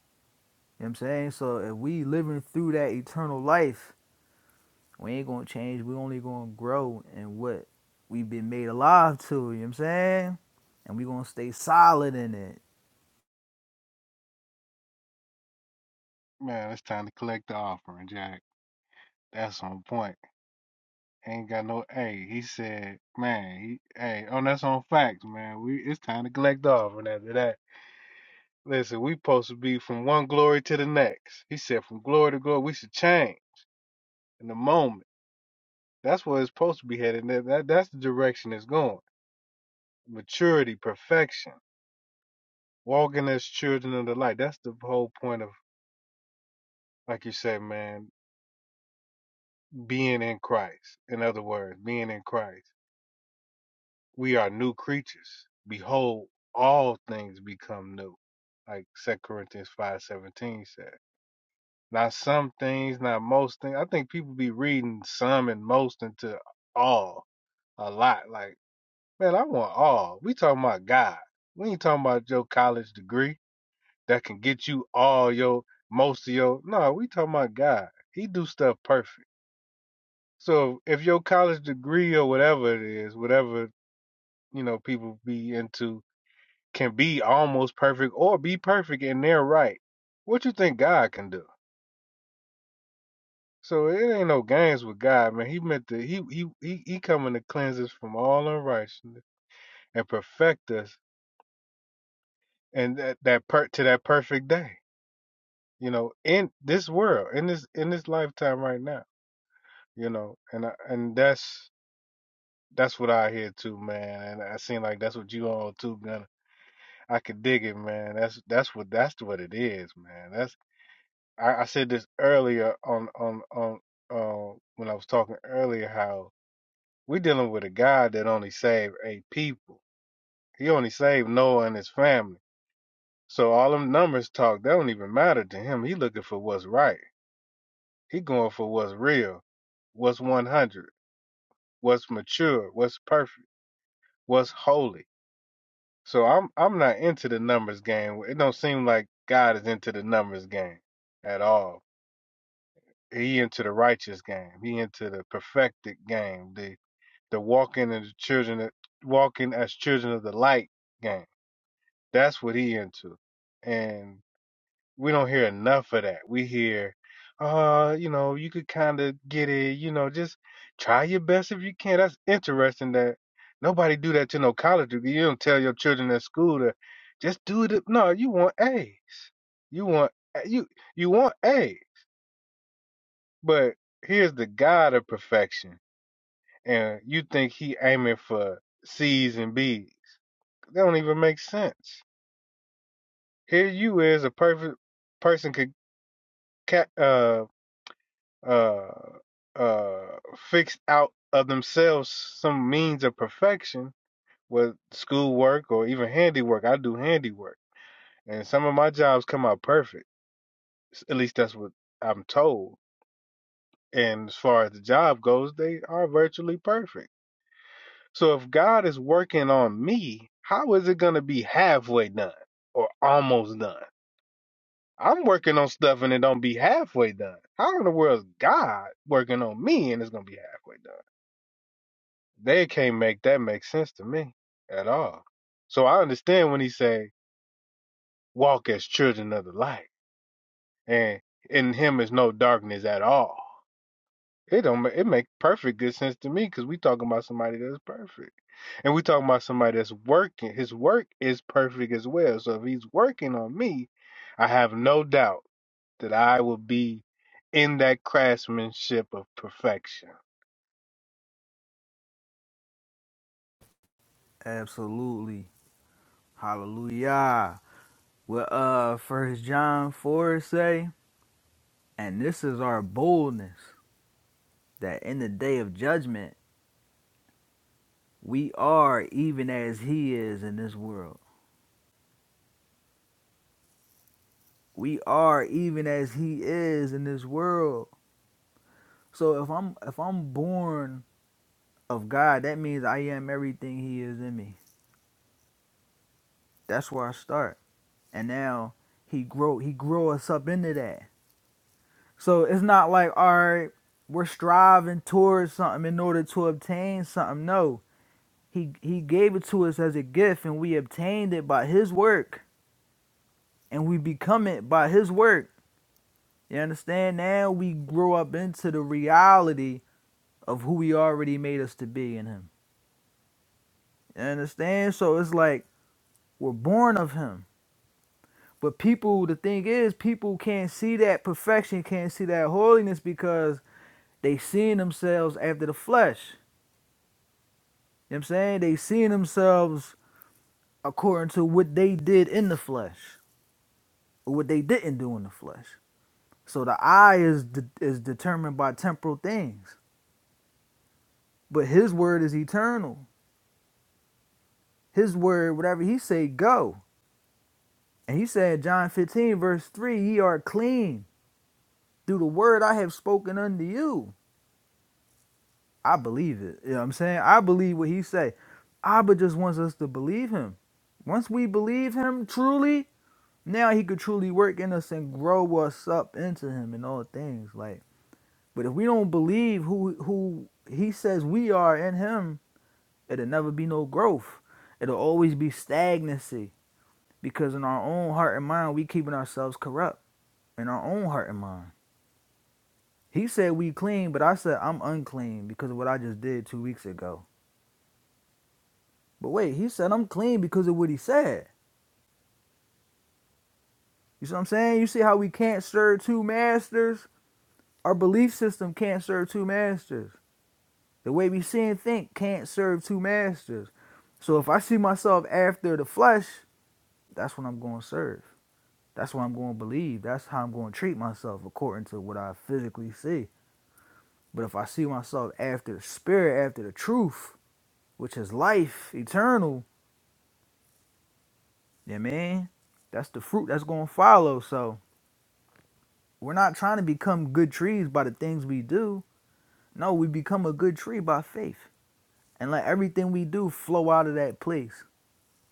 Speaker 4: you know what i'm saying so if we living through that eternal life We ain't gonna change. We only gonna grow in what we've been made alive to. You know what I'm saying? And we gonna stay solid in it. Absolutely. Hallelujah. What uh First John four say? And this is our boldness that in the day of judgment we are even as He is in this world. We are even as He is in this world. So if I'm if I'm born of God, that means I am everything He is in me. That's where I start. And now he grow he grow us up into that. So it's not like all right, we're striving towards something in order to obtain something. No. He he gave it to us as a gift and we obtained it by his work and we become it by his work. You understand? Now we grow up into the reality of who he already made us to be in him. You understand? So it's like we're born of him But people, the thing is, people can't see that perfection, can't see that holiness because they seeing themselves after the flesh. You know what I'm saying? They seeing themselves according to what they did in the flesh or what they didn't do in the flesh. So the eye is de- is determined by temporal things, but his word is eternal. His word, whatever he say, go. And he said, John 15 verse 3, ye are clean through the word I have spoken unto you. I believe it. You know what I'm saying? I believe what he say. Abba just wants us to believe him. Once we believe him truly, now he could truly work in us and grow us up into him in all things. Like, but if we don't believe who who he says we are in him, it'll never be no growth. It'll always be stagnancy because in our own heart and mind we keeping ourselves corrupt in our own heart and mind. He said we clean, but I said I'm unclean because of what I just did two weeks ago. But wait, he said I'm clean because of what he said. You see what I'm saying? You see how we can't serve two masters? Our belief system can't serve two masters. The way we see and think can't serve two masters. So if I see myself after the flesh, that's what I'm going to serve. That's what I'm going to believe. That's how I'm going to treat myself according to what I physically see. But if I see myself after the spirit, after the truth, which is life eternal, yeah, man, that's the fruit that's going to follow. So We're not trying to become good trees by the things we do. No, we become a good tree by faith and let everything we do flow out of that place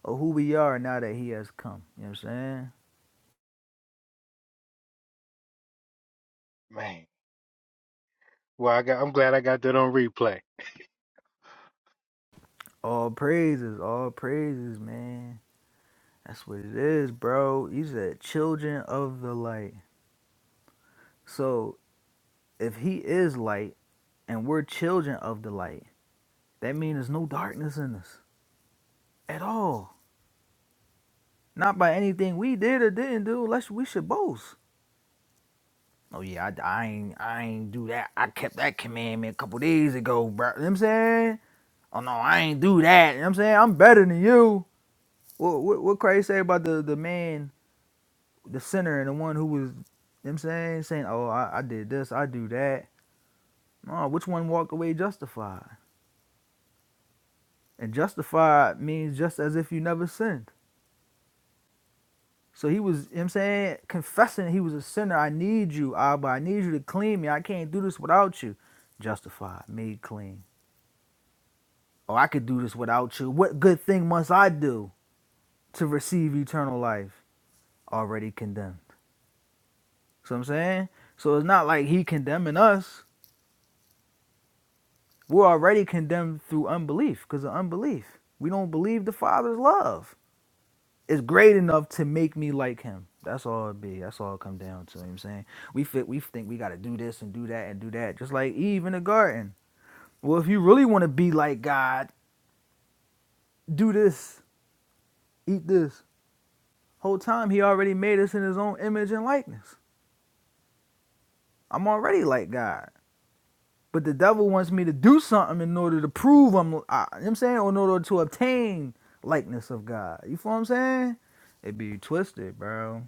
Speaker 4: of who we are now that He has come. You know what I'm saying? All praises, all praises, man. That's what it is, bro. You said children of the light. So if He is light and we're children of the light, that means there's no darkness in us at all. Not by anything we did or didn't do, unless we should boast. Oh yeah, I, I ain't I ain't do that. I kept that commandment a couple days ago, bro. You know what I'm saying? Oh no, I ain't do that. You know what I'm saying? I'm better than you. What what, what Christ say about the, the man, the sinner and the one who was you know what I'm saying, saying, Oh, I, I did this, I do that. No, which one walked away justified? And justified means just as if you never sinned. So he was, you know what I'm saying, confessing he was a sinner. I need you, Abba. I need you to clean me. I can't do this without you. Justified, made clean. Oh, I could do this without you. What good thing must I do to receive eternal life? Already condemned. So I'm saying? So it's not like he condemning us. We're already condemned through unbelief because of unbelief. We don't believe the Father's love is great enough to make me like him. That's all it be. That's all it come down to. You know what I'm saying? We fit we think we gotta do this and do that and do that. Just like Eve in the garden. Well, if you really wanna be like God, do this, eat this. Whole time he already made us in his own image and likeness. I'm already like God. But the devil wants me to do something in order to prove I'm, I, you know what I'm saying, or in order to obtain likeness of God. You feel what I'm saying? It be twisted, bro.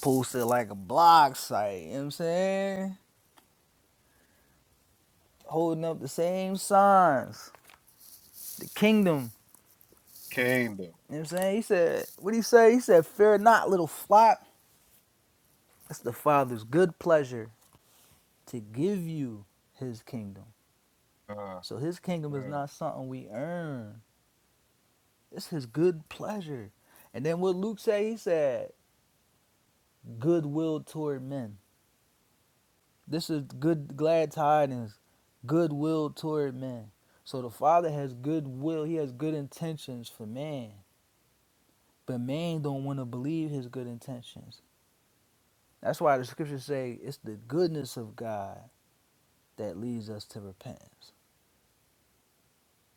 Speaker 4: Posted like a blog site, you know what I'm saying? Holding up the same signs. The kingdom, you know what I'm saying? He said, what did he say? He said, fear not, little flock. It's the Father's good pleasure to give you his kingdom. So his kingdom is not something we earn. It's his good pleasure. And then what Luke said, he said, goodwill toward men. This is good, glad tidings, goodwill toward men. So the Father has goodwill. He has good intentions for man, but man don't want to believe his good intentions. That's why the scriptures say it's the goodness of God that leads us to repentance.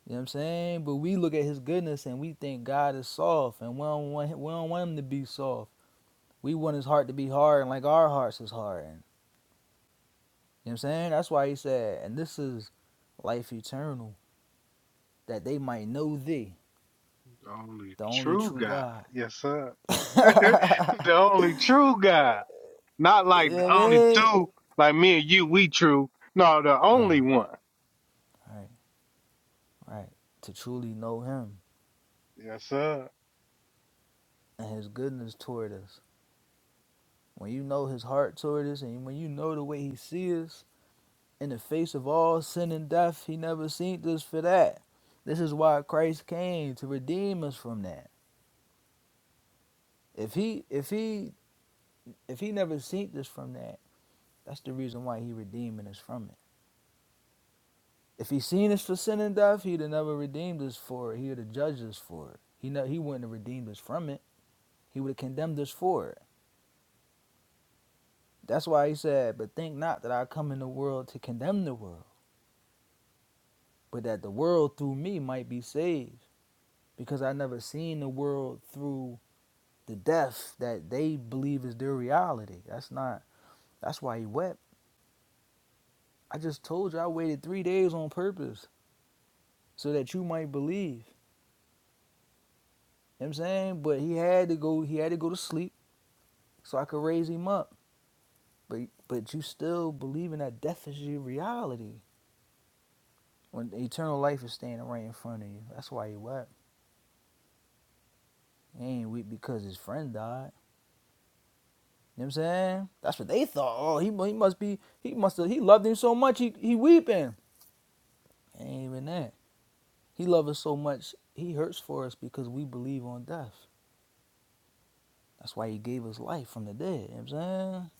Speaker 4: You know what I'm saying? But we look at his goodness and we think God is soft, and we don't want him, we don't want him to be soft. We want his heart to be hard, and like our hearts is hard. And You know what I'm saying? That's why he said, and this is life eternal, that they might know thee, the only true God. (laughs) you know what I mean? Right, right, right. To truly know him and his goodness toward us. When you know his heart toward us and when you know the way he sees us, in the face of all sin and death, he never seen us for that. This is why Christ came to redeem us from that. If he if he if he never seen us from that, that's the reason why he redeeming us from it. If he seen us for sin and death, he'd have never redeemed us for it. He would have judged us for it. He ne- he wouldn't have redeemed us from it. He would have condemned us for it. That's why he said, "But think not that I come in the world to condemn the world, but that the world through me might be saved, because I never seen the world through the death that they believe is their reality. That's not. That's why he wept. I just told you I waited three days on purpose so that you might believe. You know what I'm saying, but he had to go. He had to go to sleep so I could raise him up. But but you still believing that death is your reality. When eternal life is standing right in front of you. That's why he wept. He ain't weep because his friend died. You know what I'm saying? That's what they thought. Oh, he, he must be he must have he loved him so much he, he weeping. It Ain't even that. He loved us so much he hurts for us because we believe on death. That's why he gave us life from the dead. You know what I'm saying?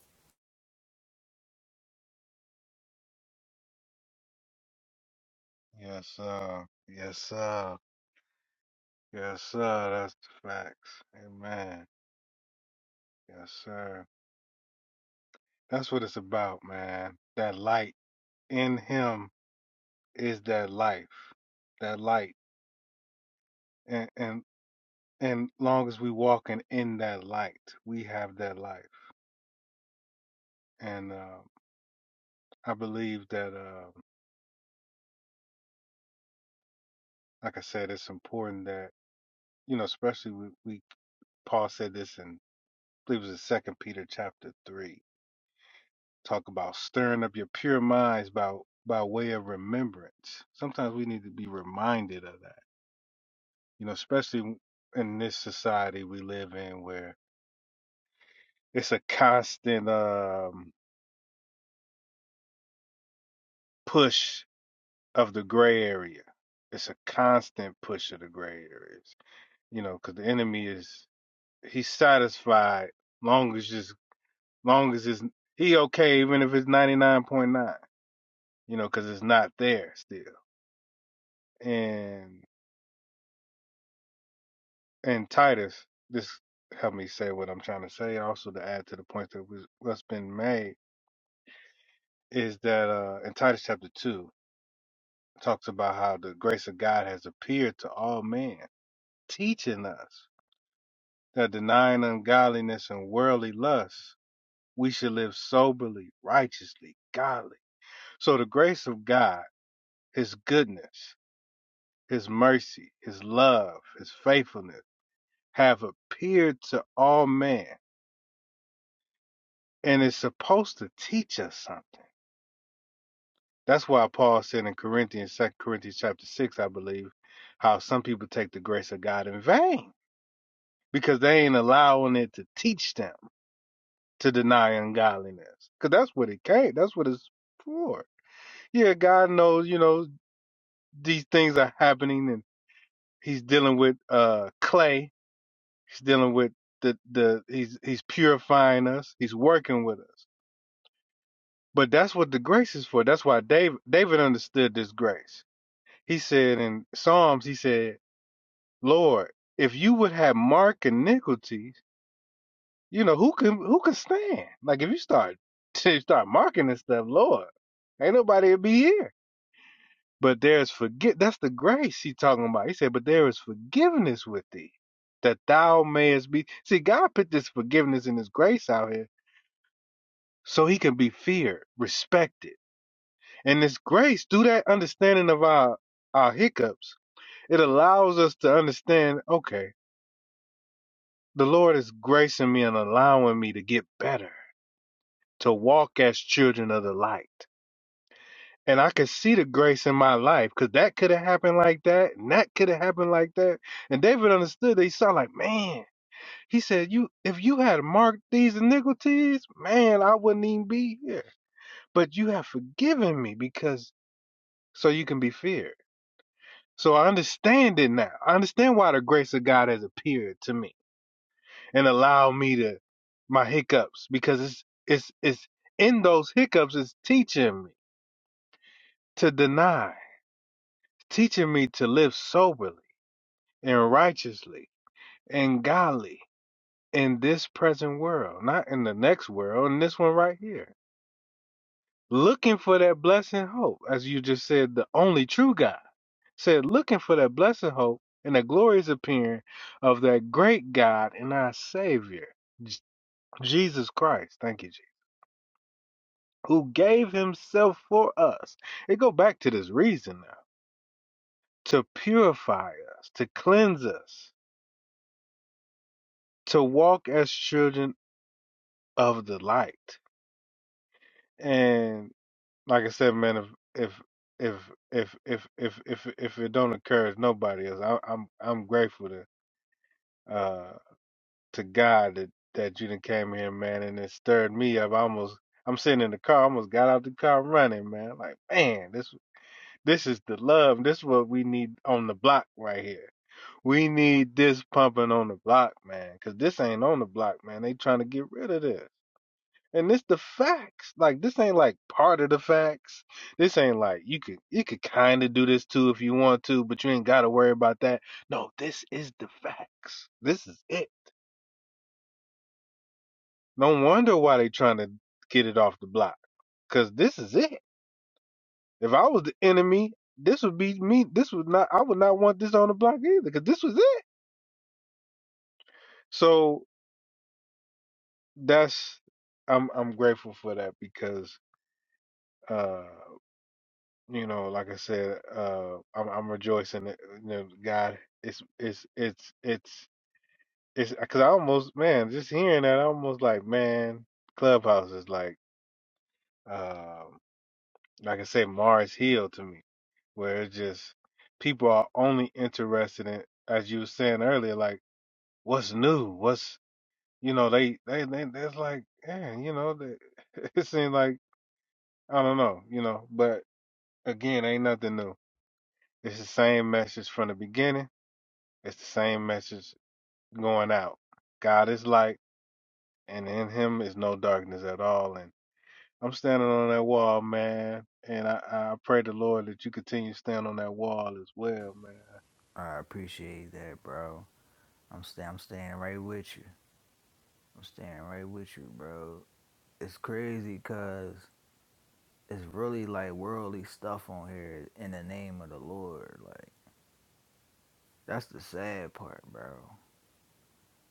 Speaker 4: I appreciate that, bro. I'm sta- I'm staying right with you. I'm staying right with you, bro. It's crazy cause it's really like worldly stuff on here in the name of the Lord. Like that's the sad part, bro. You know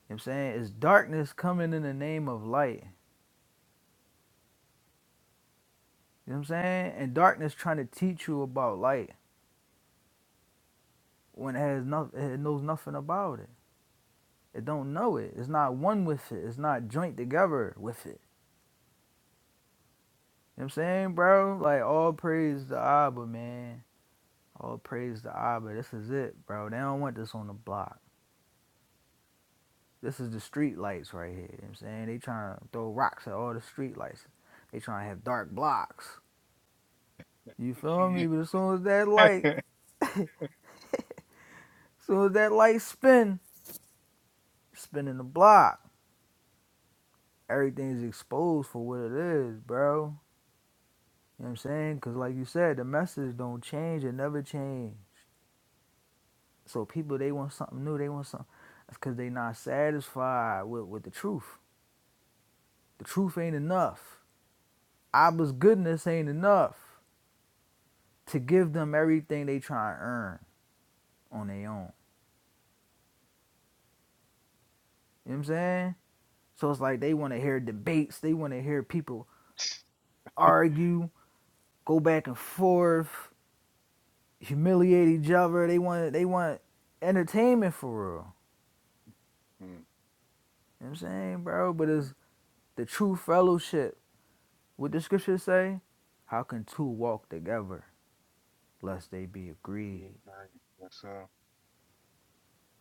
Speaker 4: what I'm saying? It's darkness coming in the name of light. You know what I'm saying? And darkness trying to teach you about light when it has nothing it knows nothing about it. It don't know it. It's not one with it. It's not joint together with it. You know what I'm saying, bro? Like all praise the Abba, man. All praise the Abba. This is it, bro. They don't want this on the block. This is the street lights right here. You know what I'm saying? They trying to throw rocks at all the street lights. They trying to have dark blocks. You feel me? But as soon as that light, as soon as that light spin, spinning the block, everything's exposed for what it is, bro. You know what I'm saying? Because like you said, the message don't change. It never change. So people, they want something new. They want something. That's because they not satisfied with, with the truth. The truth ain't enough. Abba's goodness ain't enough to give them everything they try to earn. on their own. You know what I'm saying? So it's like they want to hear debates, they want to hear people argue, go back and forth, humiliate each other. They want they want entertainment for real. You know what I'm saying, bro? But it's the true fellowship. What the scriptures say? How can two walk together lest they be agreed?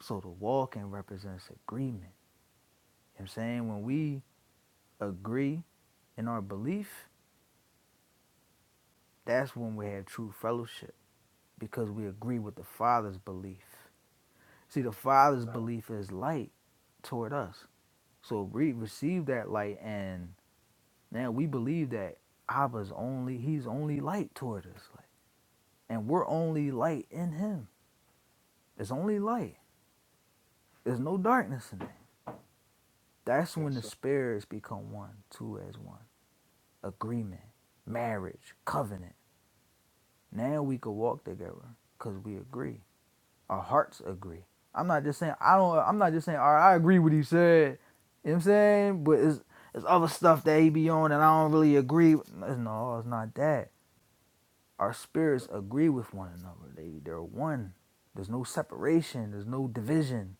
Speaker 4: So the walking represents agreement. You know what I'm saying? When we agree in our belief, that's when we have true fellowship because we agree with the Father's belief. See, the Father's belief is light toward us. So we receive that light, and now we believe that Abba's only, he's only light toward us. Like, and we're only light in him. It's only light, there's no darkness in it. That's when the spirits become one, two as one. Agreement, marriage, covenant. Now we can walk together because we agree. Our hearts agree. I'm not just saying I don't. I'm not just saying all right. I agree with what he said. You know what I'm saying, but it's it's other stuff that he be on, and I don't really agree. with- No, it's not that. Our spirits agree with one another. They they're one. There's no separation. There's no division.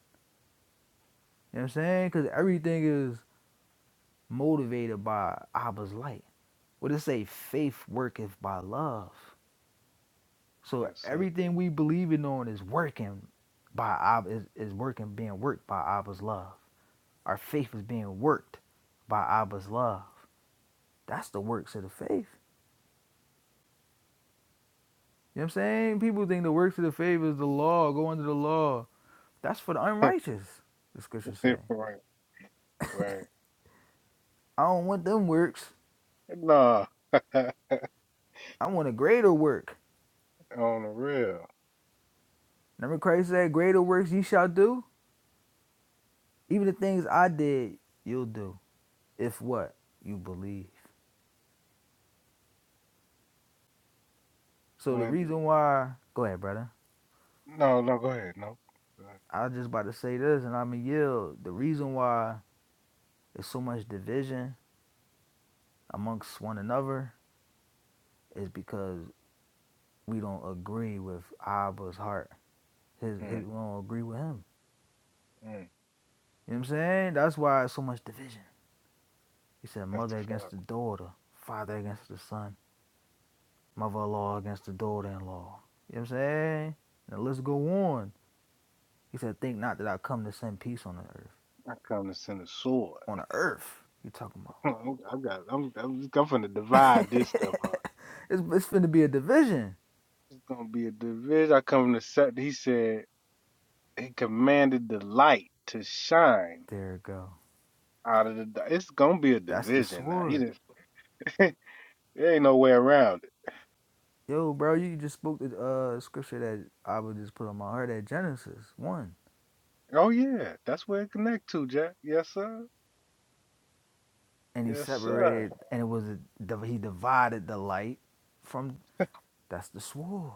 Speaker 4: You know what I'm saying? Because everything is motivated by Abba's light. What it say? Faith worketh by love. So everything we believe in on is working by Abba is, is working being worked by Abba's love. Our faith is being worked by Abba's love. That's the works of the faith. You know what I'm saying? People think the works of the faith is the law, go under the law. That's for the unrighteous, the scriptures say. I don't want them works. I want a greater work. Remember Christ said, Greater works ye shall do? Even the things I did, you'll do. If what? You believe. So the reason why go ahead, brother. I was just about to say this and I'ma yield. The reason why there's so much division amongst one another is because we don't agree with Abba's heart. His, his, we don't agree with him. You know what I'm saying? That's why it's so much division. He said, mother against the daughter, father against the son, mother-in-law against the daughter-in-law. You know what I'm saying? Now let's go on. He said, think not that I come to send peace on the earth. On the earth, you talking about? (laughs) it's, it's finna be a division. There it go. That's the sword. Yo, bro, you just spoke the uh, scripture that I would just put on my heart at Genesis 1. and he separated, and it was a, he divided the light from. That's the sword.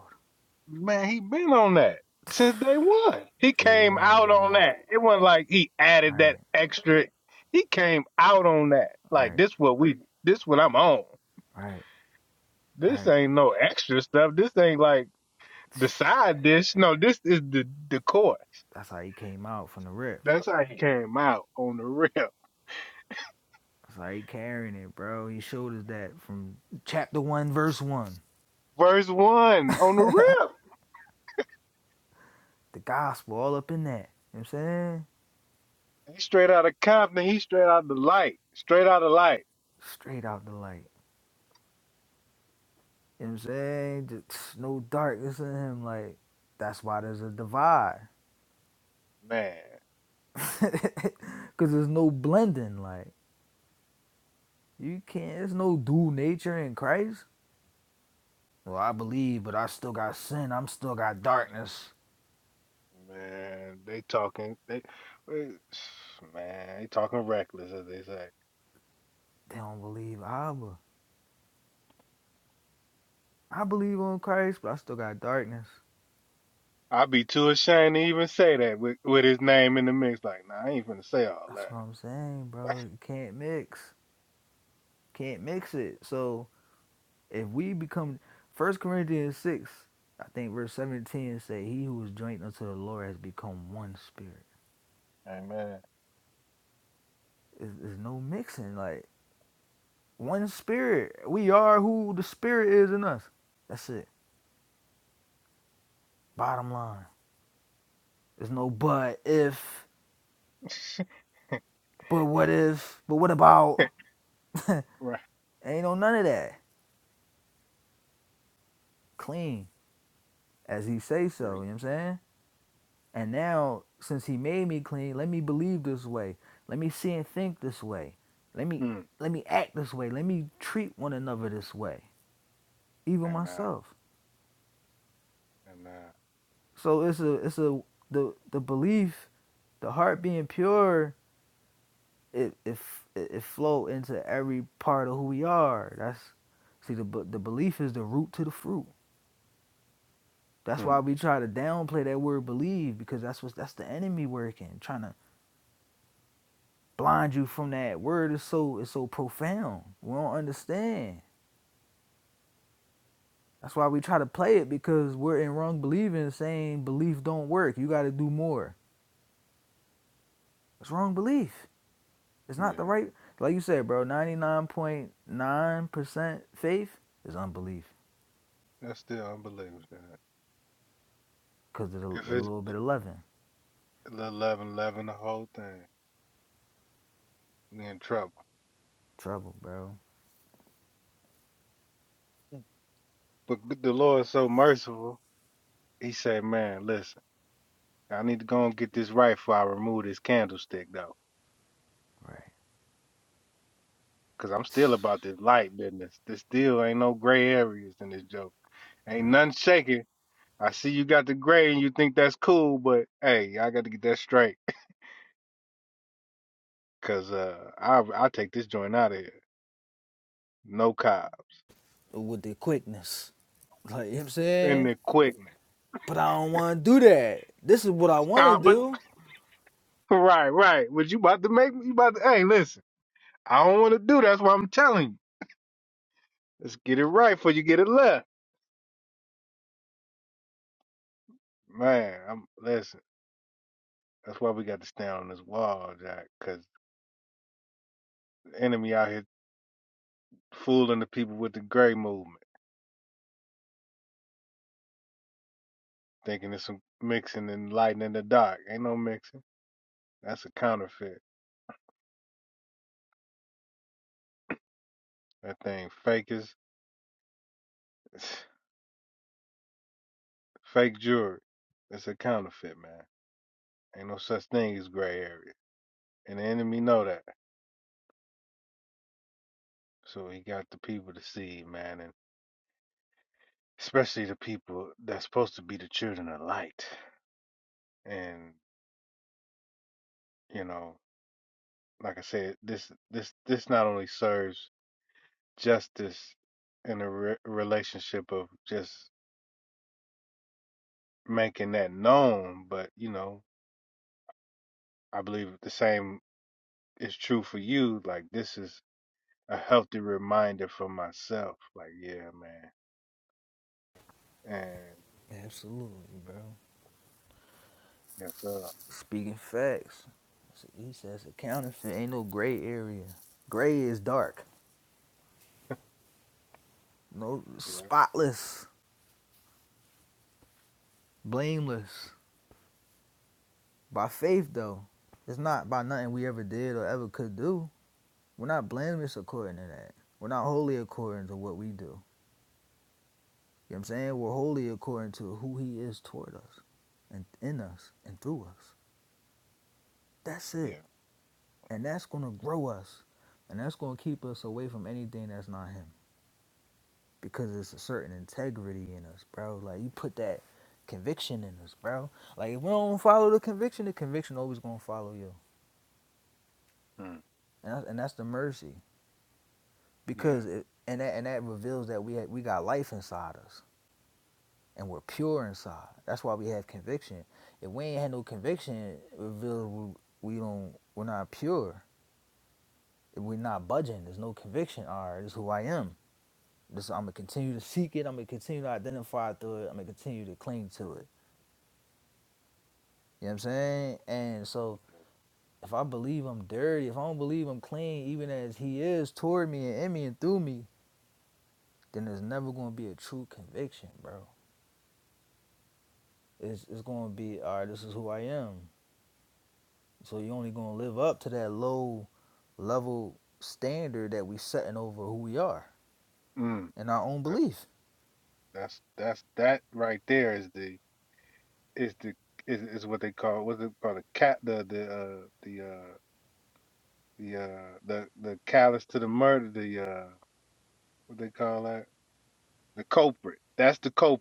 Speaker 4: Day one, bro. Right, right, right, right. That's how he came out from the rip. That's how he carrying it, bro. He showed us that from chapter one, verse one. The gospel, all up in that. You know what I'm saying? Straight out the light. You know what I'm saying? Just no darkness in him. Like, that's why there's a divide. (laughs) Because there's no blending. Like, You can't. There's no dual nature in Christ. Well, I believe, but I still got sin. I'm still got darkness. They don't believe Abba. I believe on Christ, but I still got darkness. That's what I'm saying, bro. You can't mix. Can't mix it. So if we become First Corinthians six, I think verse seventeen say, "He who is joined unto the Lord has become one spirit." There's there's no mixing. Like one spirit. We are who the spirit is in us. That's it. Bottom line. There's no but if, but what if, but what about? (laughs) Ain't no none of that. Clean, as he say so, you know what I'm saying? And now, since he made me clean, let me believe this way. Let me see and think this way. Let me let me act this way. Let me treat one another this way. Even myself. So it's a it's a the the belief, the heart being pure, it it it, flow into every part of who we are. That's see the the belief is the root to the fruit. That's why we try to downplay that word believe because that's what that's the enemy working, trying to blind you from that word is so it's so profound. We don't understand. That's why we try to play it because we're in wrong believing saying belief don't work. You gotta do more. It's wrong belief. It's not the right like you said, bro, ninety nine point nine percent faith is unbelief. Cause of the, the little bit of loving. Trouble, bro. Right, right. With the quickness. Like you know what I'm saying? But I don't want to do that. This is what I want to do. Absolutely, bro. Speaking facts. He says a counterfeit ain't no gray area. Gray is dark. No spotless, blameless. By faith though. It's not by nothing we ever did or ever could do. We're not blameless according to that. We're not holy according to what we do. You know what I'm saying? We're holy according to who he is toward us and in us and through us. That's it. And that's going to grow us. And that's going to keep us away from anything that's not Him. Because it's a certain integrity in us, bro. Like, you put that conviction in us, bro. Like, if we don't follow the conviction, the conviction always going to follow you. And that's, and that's the mercy. Because it, and that and that reveals that we had, we got life inside us and we're pure inside. That's why we have conviction. If we ain't had no conviction, it reveals we, we don't we're not pure. If we're not budging. There's no conviction. All right, this is who I am. This I'm gonna continue to seek it. I'm gonna continue to identify through it. I'm gonna continue to cling to it. You know what I'm saying? And so if I believe I'm dirty, if I don't believe I'm clean, even as He is toward me and in me and through me, then there's never gonna be a true conviction, bro. It's it's gonna be all right. This is who I am. So you're only gonna live up to that low level standard that we setting over who we are and our own belief.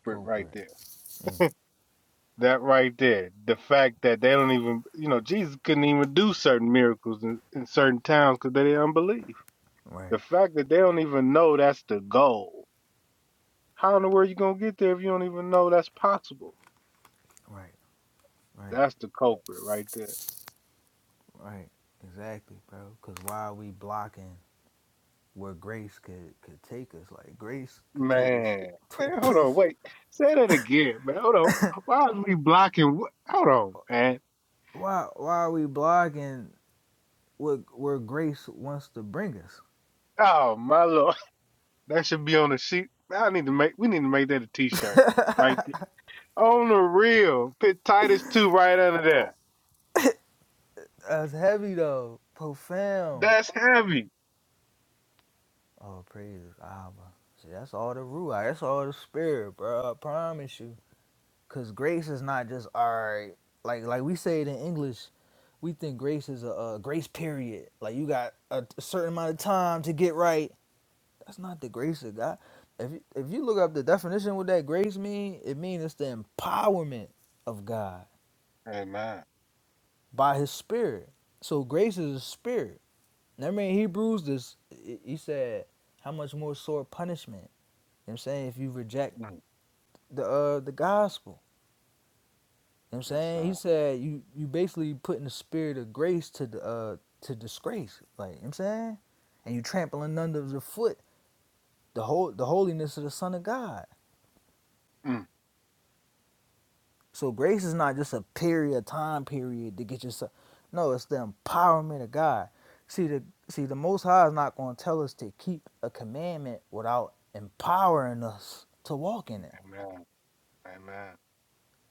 Speaker 4: Cooper. Mm. Right, right, right, right. Exactly, bro. Cause why are we blocking? where grace could could take us. Like grace could take us to a place. Why why are we blogging what where grace wants to bring us? That's heavy though, profound. Oh praise Abba. See, that's all the ruach. That's all the spirit, bro. I promise you. Cause grace is not just all right. Like like we say it in English. We think grace is a, a grace period. Like you got a, a certain amount of time to get right That's not the grace of God. If you, if you look up the definition of what that grace mean, it means it's the empowerment of God by His Spirit. So grace is a spirit. Remember in Hebrews, this he said, "How much more sore punishment?" You know what I'm saying if you reject the uh, the gospel. You know what I'm saying he said you you basically putting the spirit of grace to the uh, to disgrace. Like you know what I'm saying, and you trampling under the foot the whole the holiness of the Son of God. So grace is not just a period, time period to get yourself. No, it's the empowerment of God. See the see the Most High is not going to tell us to keep a commandment without empowering us to walk in it.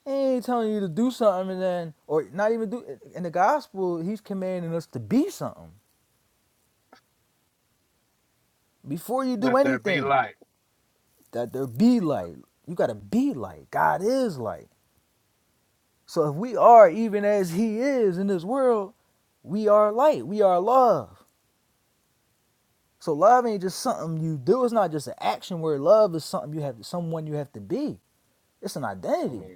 Speaker 4: He ain't telling you to do something and then, or not even do. In the gospel, he's commanding us to be something before you do anything. That there be light. You got to be light. God is light. So if we are even as He is in this world, we are light. We are love. So love ain't just something you do. It's not just an action where love is something you have someone you have to be. It's an identity.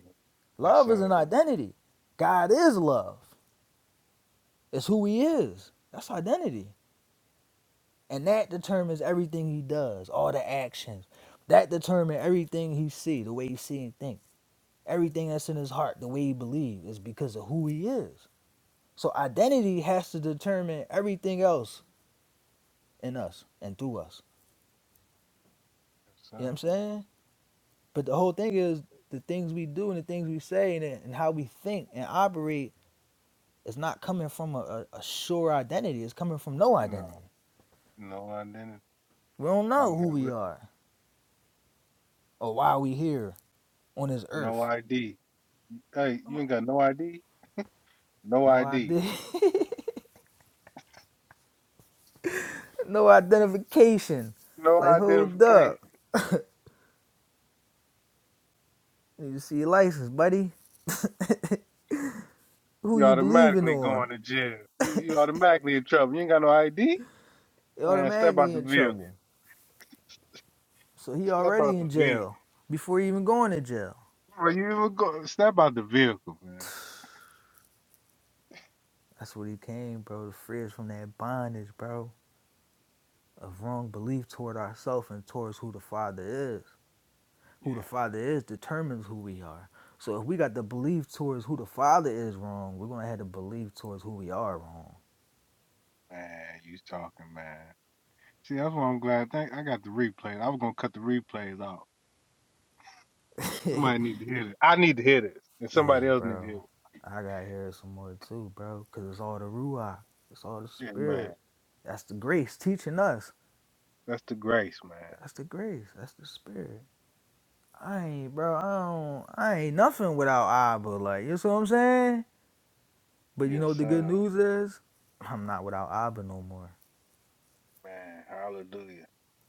Speaker 4: Love is an identity. God is love. It's who he is. That's identity. And that determines everything he does, all the actions. That determines everything he see, the way he see and think. Everything that's in his heart, the way he believes, is because of who he is. So identity has to determine everything else in us and through us. You know what I'm saying? But the whole thing is the things we do and the things we say and, and how we think and operate is not coming from a, a, a sure identity. It's coming from no identity. We don't know who we are or why we here on this earth. No idea. (laughs) no identification. Like hold up. You see your license, buddy. (laughs) who you believing on? You're automatically in trouble. So he already in jail before he even going to jail. That's what he came, bro, to free us from that bondage, bro. of wrong belief toward ourselves and towards who the Father is. Who the Father is determines who we are. So if we got the belief towards who the Father is wrong, we're gonna have the belief towards who we are wrong. (laughs) yeah, bro. I gotta hear some more too, bro. Cause it's all the ruach. It's all the spirit. That's the grace teaching us. That's the grace. That's the spirit. I ain't, bro. I don't. I ain't nothing without Abba. Like you know what I'm saying. But you know what the good news is? I'm not without Abba no more.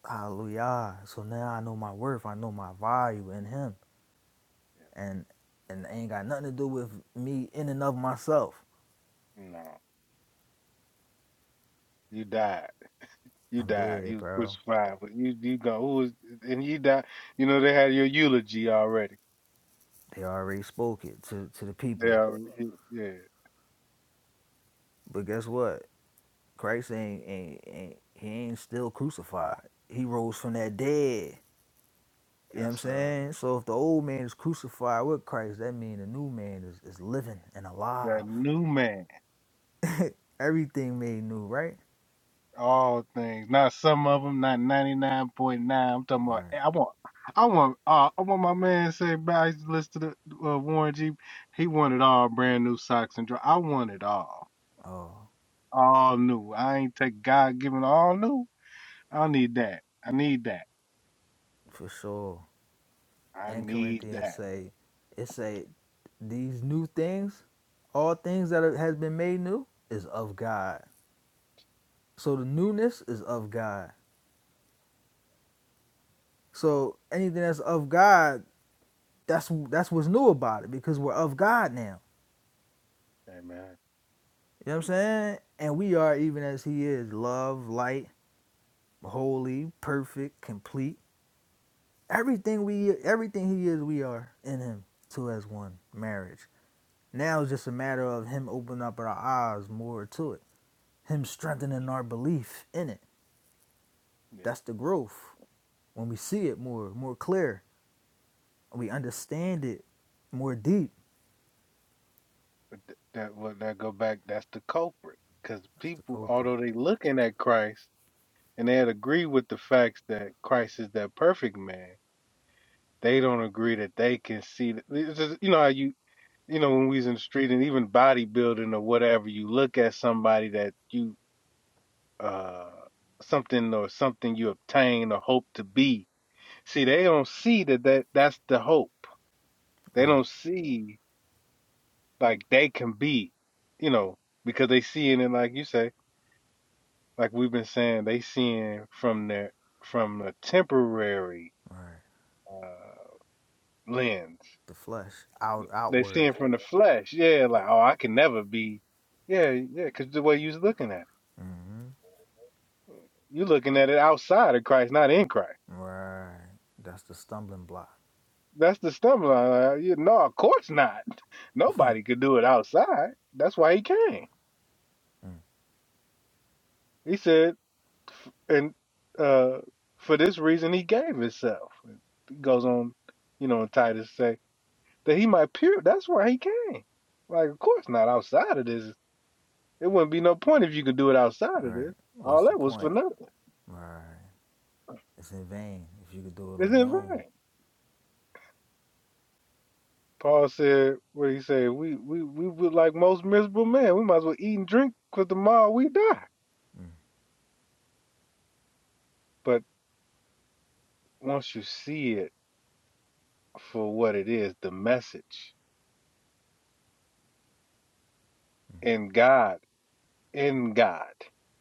Speaker 4: Hallelujah. So now I know my worth. I know my value in him. And and it ain't got nothing to do with me in and of myself. I'm dead, bro. They already spoke it to, to the people. But guess what? Christ ain't, ain't ain't he ain't still crucified. He rose from that dead. You know what I'm saying? So if the old man is crucified with Christ, that means the new man is, is living and alive. (laughs) Everything made new, right? Right. Oh, for sure. and Corinthians say, it say these new things, all things that has been made new is of God. So the newness is of God. So anything that's of God, that's that's what's new about it because we're of God now. You know what I'm saying? And we are even as He is, love, light, holy, perfect, complete. Everything we, everything He is, we are in Him. Two as one, marriage. Now it's just a matter of Him opening up our eyes more to it him strengthening our belief in it. That's the growth. When we see it more, more clear, we understand it more deep. That's the culprit. Right, right. The flesh, out, outward. Right. That's the stumbling block. Right. What's the point? Right. It's in vain if you could do it on your own.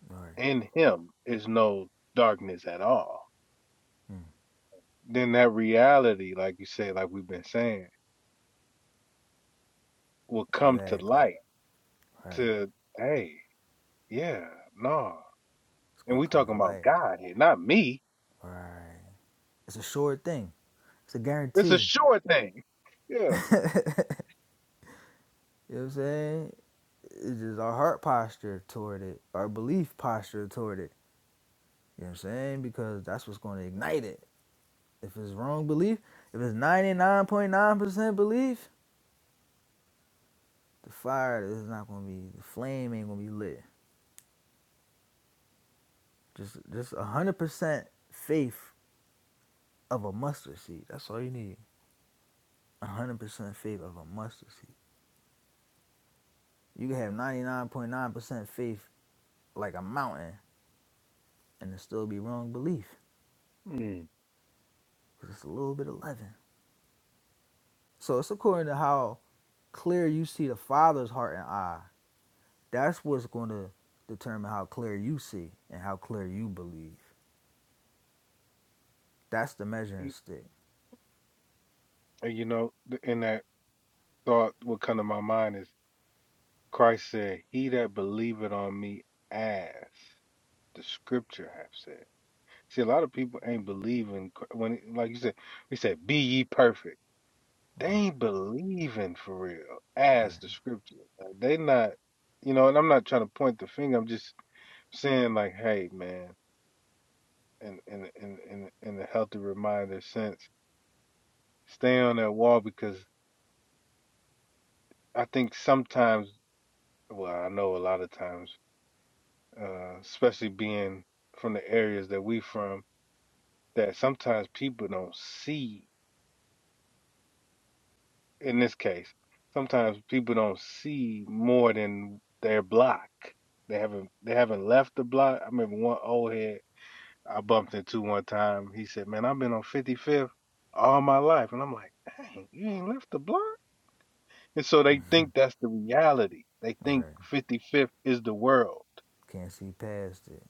Speaker 4: Right. Mm. Exactly. Right. It's gonna come to light. Right. It's a sure thing. It's a guarantee. You know what I'm saying? it's just our heart posture toward it, our belief posture toward it. You know what I'm saying? Because that's what's going to ignite it. If it's wrong belief, if it's 99.9% belief, the fire is not going to be, the flame ain't going to be lit. Just just 100% faith of a mustard seed. That's all you need. 100% faith of a mustard seed. You can have 99.9% faith like a mountain and it still be wrong belief. Because it's a little bit of leaven. So it's according to how clear you see the Father's heart and eye, that's what's going to determine how clear you see and how clear you believe. That's the measuring stick. Right, right, right. Can't see past it.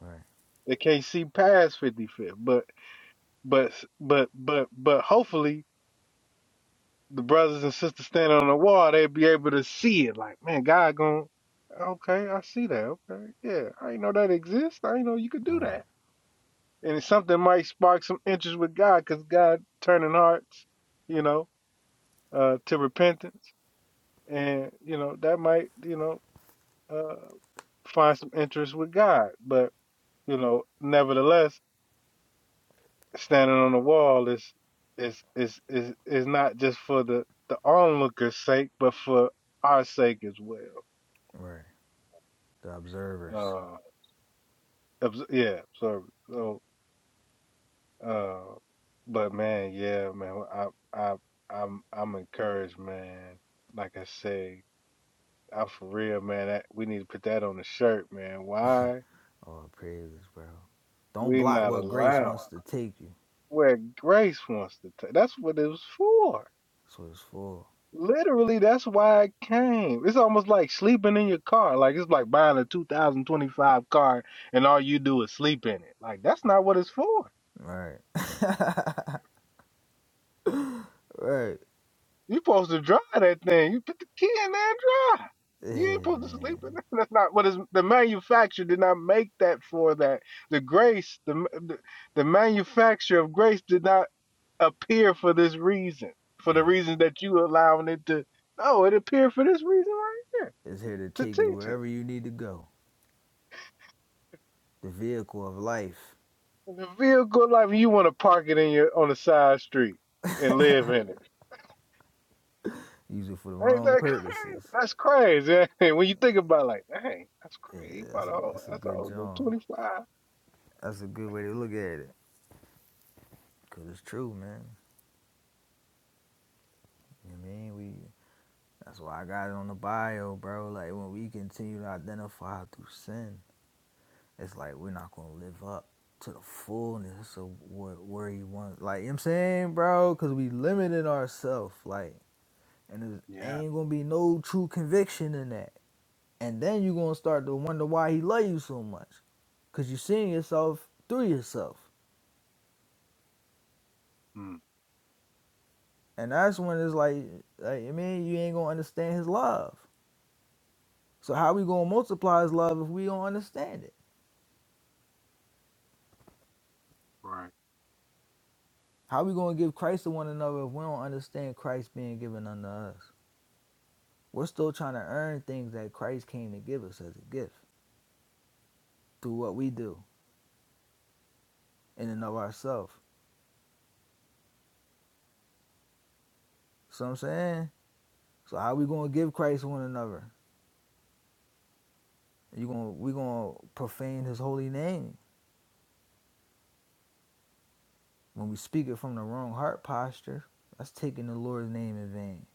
Speaker 4: Right, right, right. The observers. Oh, praises, bro. Don't block what grace wants to take you. So it's full. Right, (laughs) right. Yeah, man. Right. It's here to take you wherever you need to go. The vehicle of life. Use it for the wrong purposes. Yeah, that's a, that's a good job. That's a good way to look at it. Cause it's true, man. You know what I mean? We that's why I got it on the bio, bro. Like when we continue to identify through sin, it's like we're not gonna live up to the fullness of what where he wants. Like you know what I'm saying, bro, cause we limited ourselves, like and there ain't gonna be no true conviction in that. And then you're gonna start to wonder why he love you so much. Cause you're seeing yourself through yourself. And that's when it's like, like I mean, you ain't gonna understand his love. So how we gonna multiply his love if we don't understand it? How we gonna give Christ to one another if we don't understand Christ being given unto us? We're still trying to earn things that Christ came to give us as a gift through what we do in and of ourselves. So I'm saying, so how we gonna give Christ to one another? You gonna we gonna profane His holy name when we speak it from the wrong heart posture? That's taking the Lord's name in vain,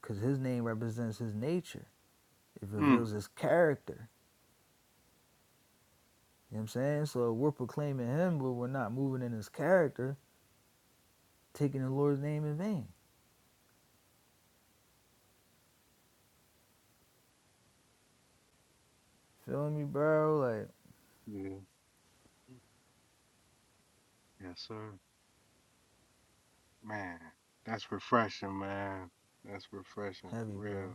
Speaker 4: cause His name represents His nature It reveals his character. You know what I'm saying? So we're proclaiming him, but we're not moving in his character, taking the Lord's name in vain. Feel me, bro? Like, heavy, bro.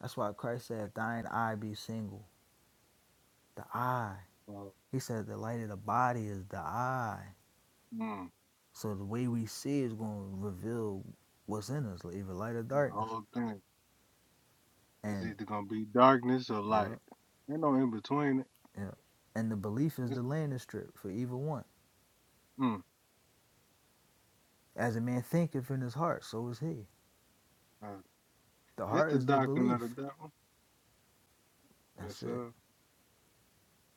Speaker 4: That's why Christ said, if thine eye be single, the eye. He said, the light of the body is the eye. So the way we see is going to reveal what's in us, like either light or darkness. And, yeah, yeah. And the belief is the landing strip for either one. As a man thinketh in his heart, so is he. The heart is the belief. That's it.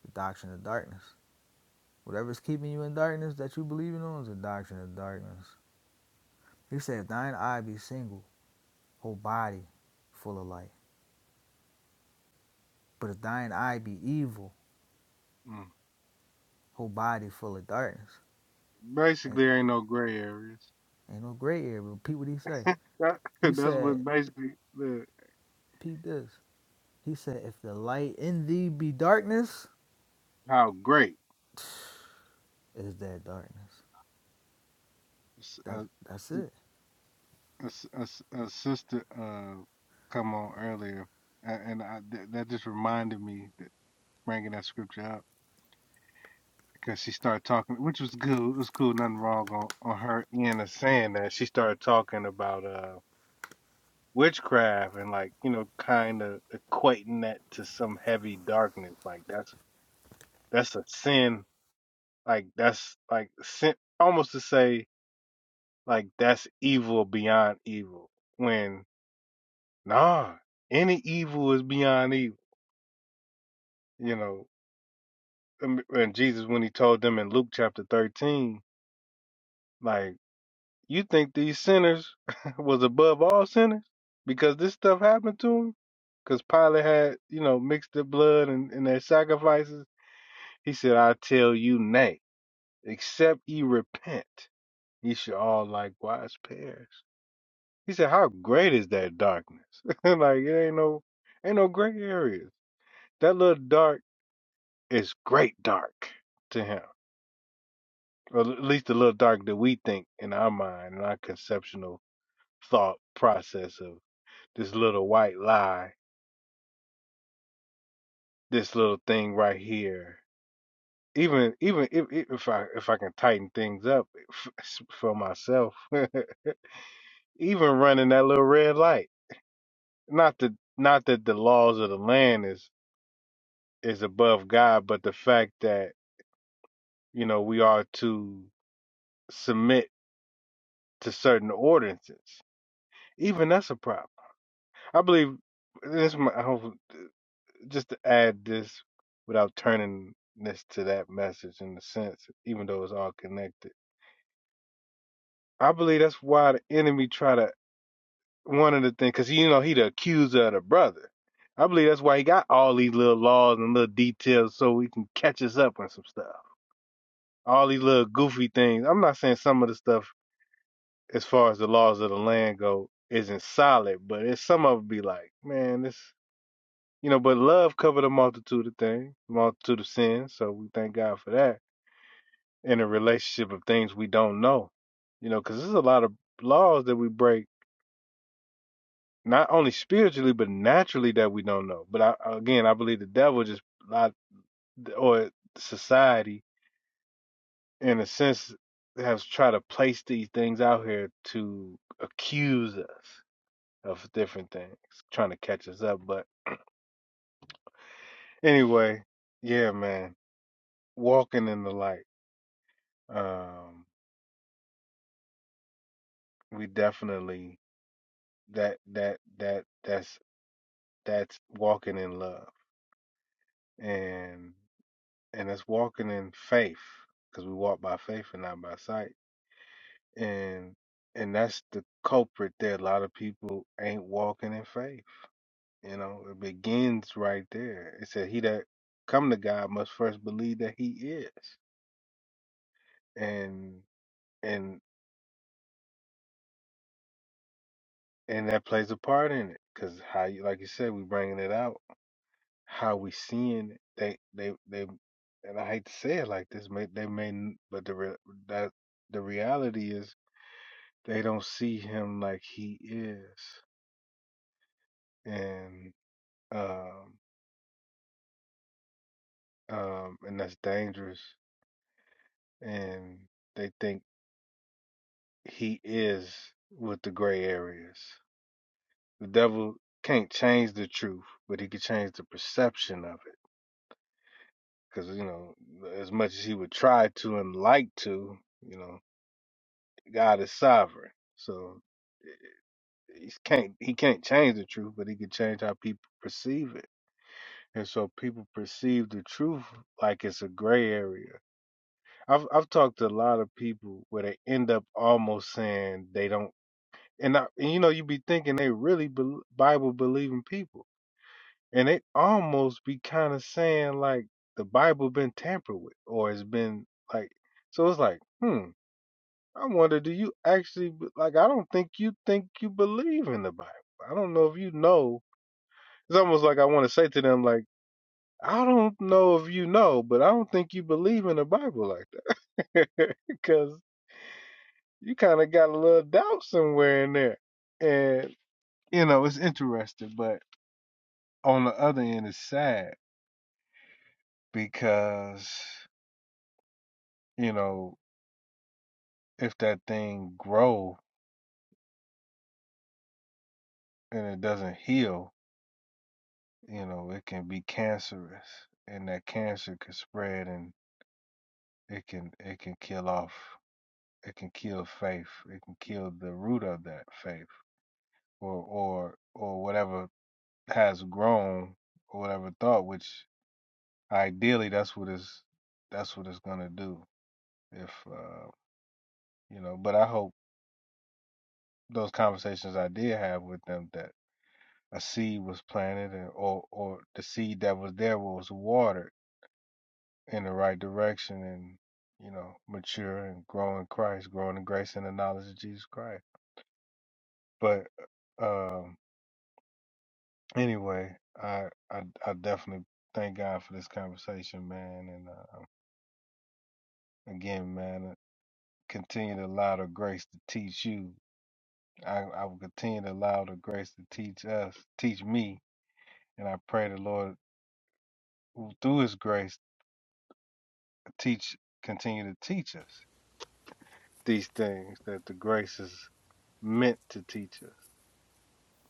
Speaker 4: The doctrine of darkness. Whatever's keeping you in darkness that you believing on is the doctrine of darkness. He said, if thine eye be single, whole body full of light. But if thine eye be evil, whole body full of darkness. And ain't no gray area. Repeat what he say. He said, repeat this. He said, if the light in thee be darkness, it is that darkness. That's that's it.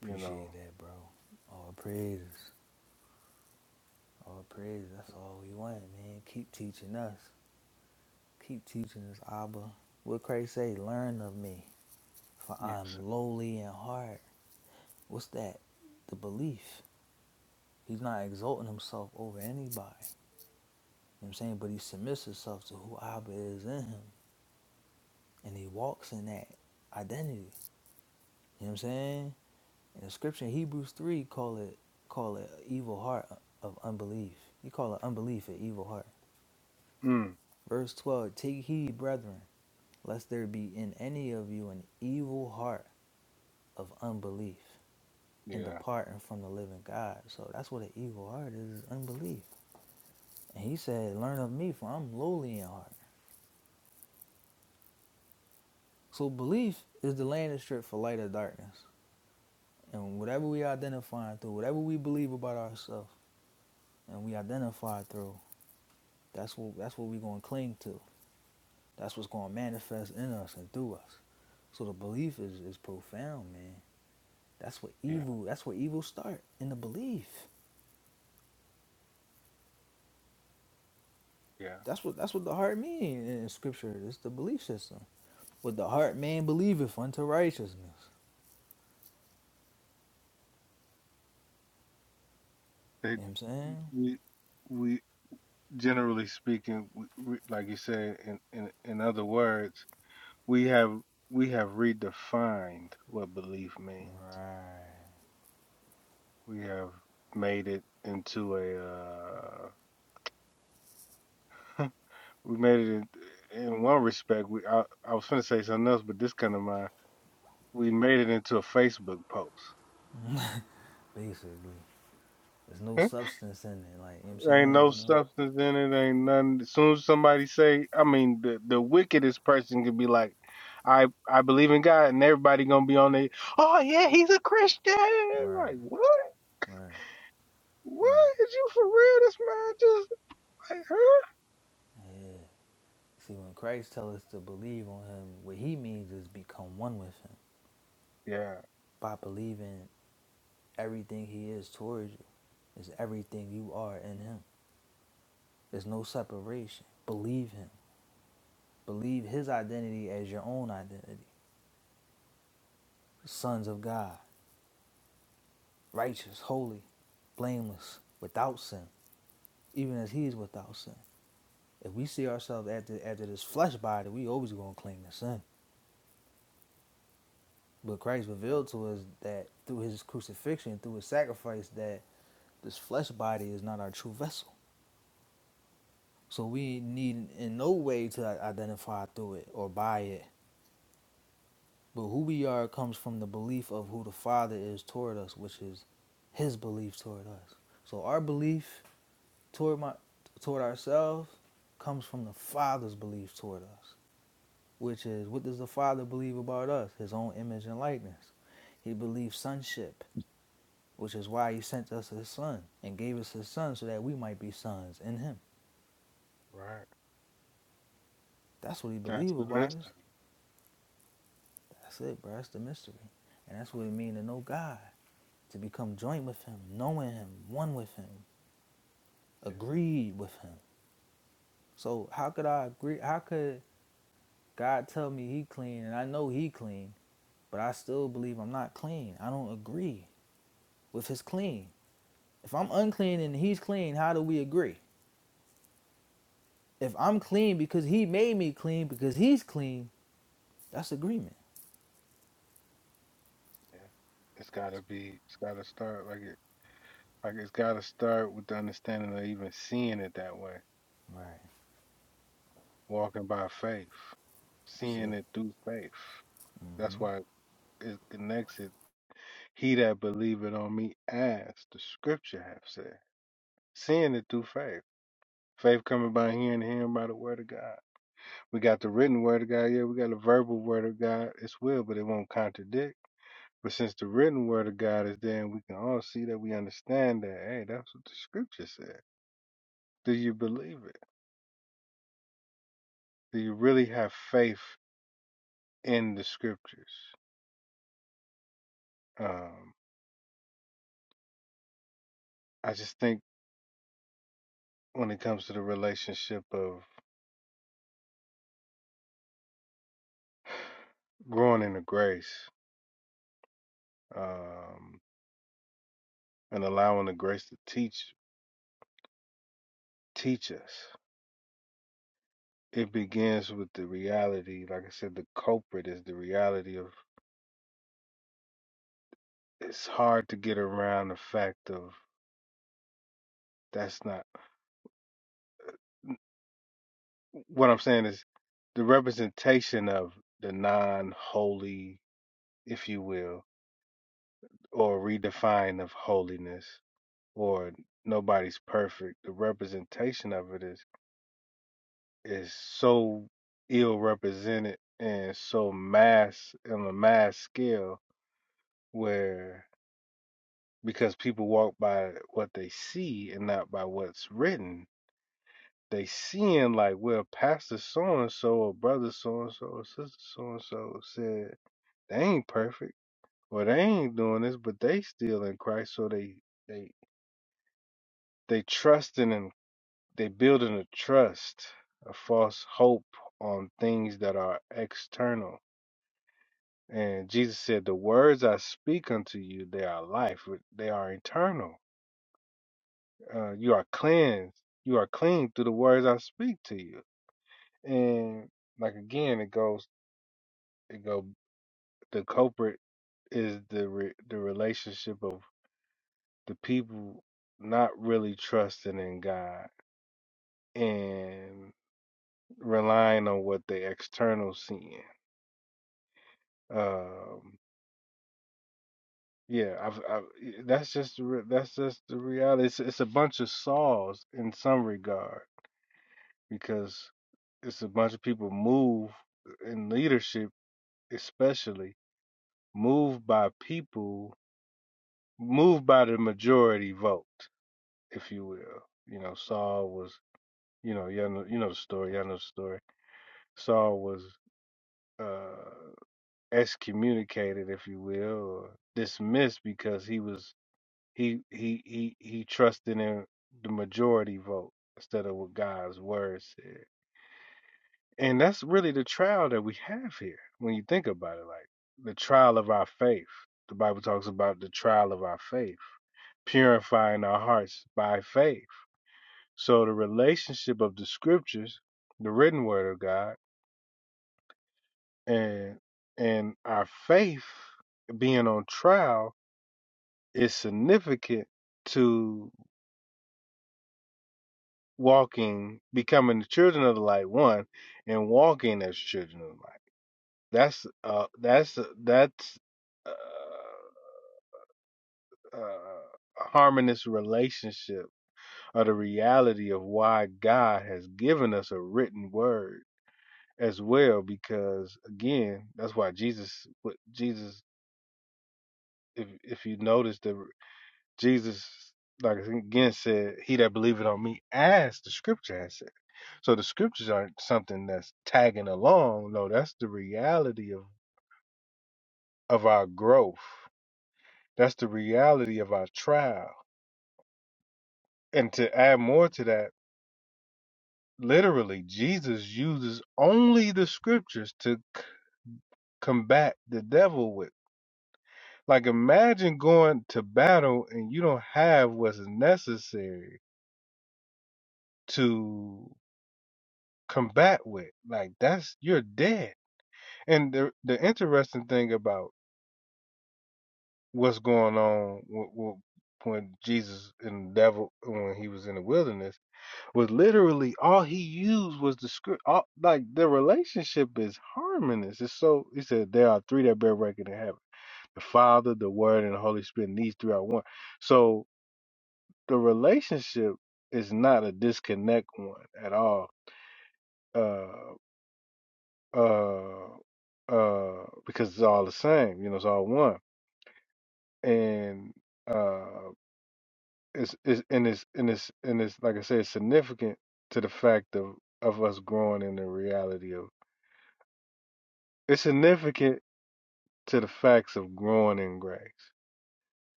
Speaker 4: Appreciate that, bro. All praises. All praises. That's all we want, man. Keep teaching us. Keep teaching us, Abba. What Christ say? Learn of me, for I'm lowly in heart. What's that? The belief. He's not exalting himself over anybody. You know what I'm saying? But he submits himself to who Abba is in him. And he walks in that identity. You know what I'm saying? And the scripture in Hebrews 3 call it call it evil heart of unbelief. You call it unbelief an evil heart. Verse 12, take heed, brethren, lest there be in any of you an evil heart of unbelief. and departing from the living God. So that's what an evil heart is, is unbelief. And he said, Learn of me, for I'm lowly in heart. So belief is the landing strip for light or darkness. And whatever we identify through, whatever we believe about ourselves and we identify through, that's what that's what we're gonna cling to. That's what's gonna manifest in us and through us. So the belief is, is profound, man. That's what evil that's where evil start in the belief. That's what that's what the heart means in scripture. It's the belief system. With the heart, man believeth unto righteousness. You know what I'm saying? Right. Basically. There's no substance in it. Like, you know what I'm saying? There's no. Right. Right. Right. Yeah. See, when Christ tells us to believe on him, what he means is become one with him. By believing everything he is towards you is everything you are in him. There's no separation. Believe him. Believe his identity as your own identity. Sons of God. righteous, holy, blameless, without sin, even as he is without sin. If we see ourselves after after this flesh body, we always gonna cling to sin. But Christ revealed to us that through his crucifixion, through his sacrifice, that this flesh body is not our true vessel. So we need in no way to identify through it or by it. But who we are comes from the belief of who the Father is toward us, which is his belief toward us. So our belief toward my toward ourselves comes from the Father's belief toward us, which is what does the Father believe about us? His own image and likeness. He believes sonship, which is why he sent us his son and gave us his son so that we might be sons in him. That's what he believed about us. That's it, bro. That's the mystery. And that's what it means to know God, to become joint with him, knowing him, one with him, agreed with him. So how could I agree how could God tell me he clean and I know he clean but I still believe I'm not clean. I don't agree with his clean. If I'm unclean and he's clean, how do we agree? If I'm clean because he made me clean because he's clean, that's agreement. Right. That's it.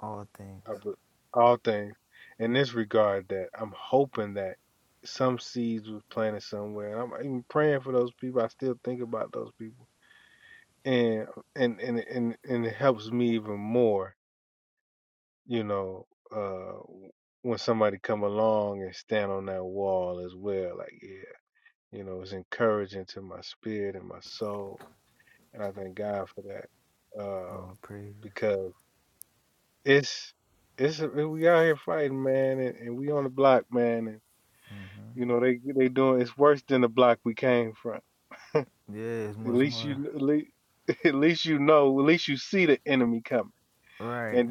Speaker 4: All things, all praises. Yeah, it's much more. Right,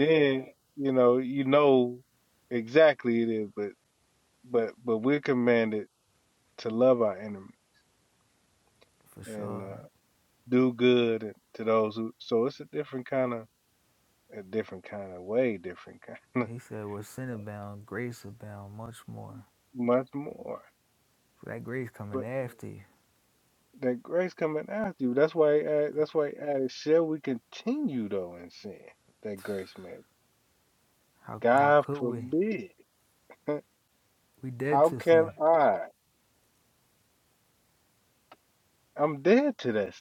Speaker 4: for sure. He said, where sin abound, grace abound much more. So that grace coming after you. How, how could we? We dead to sin.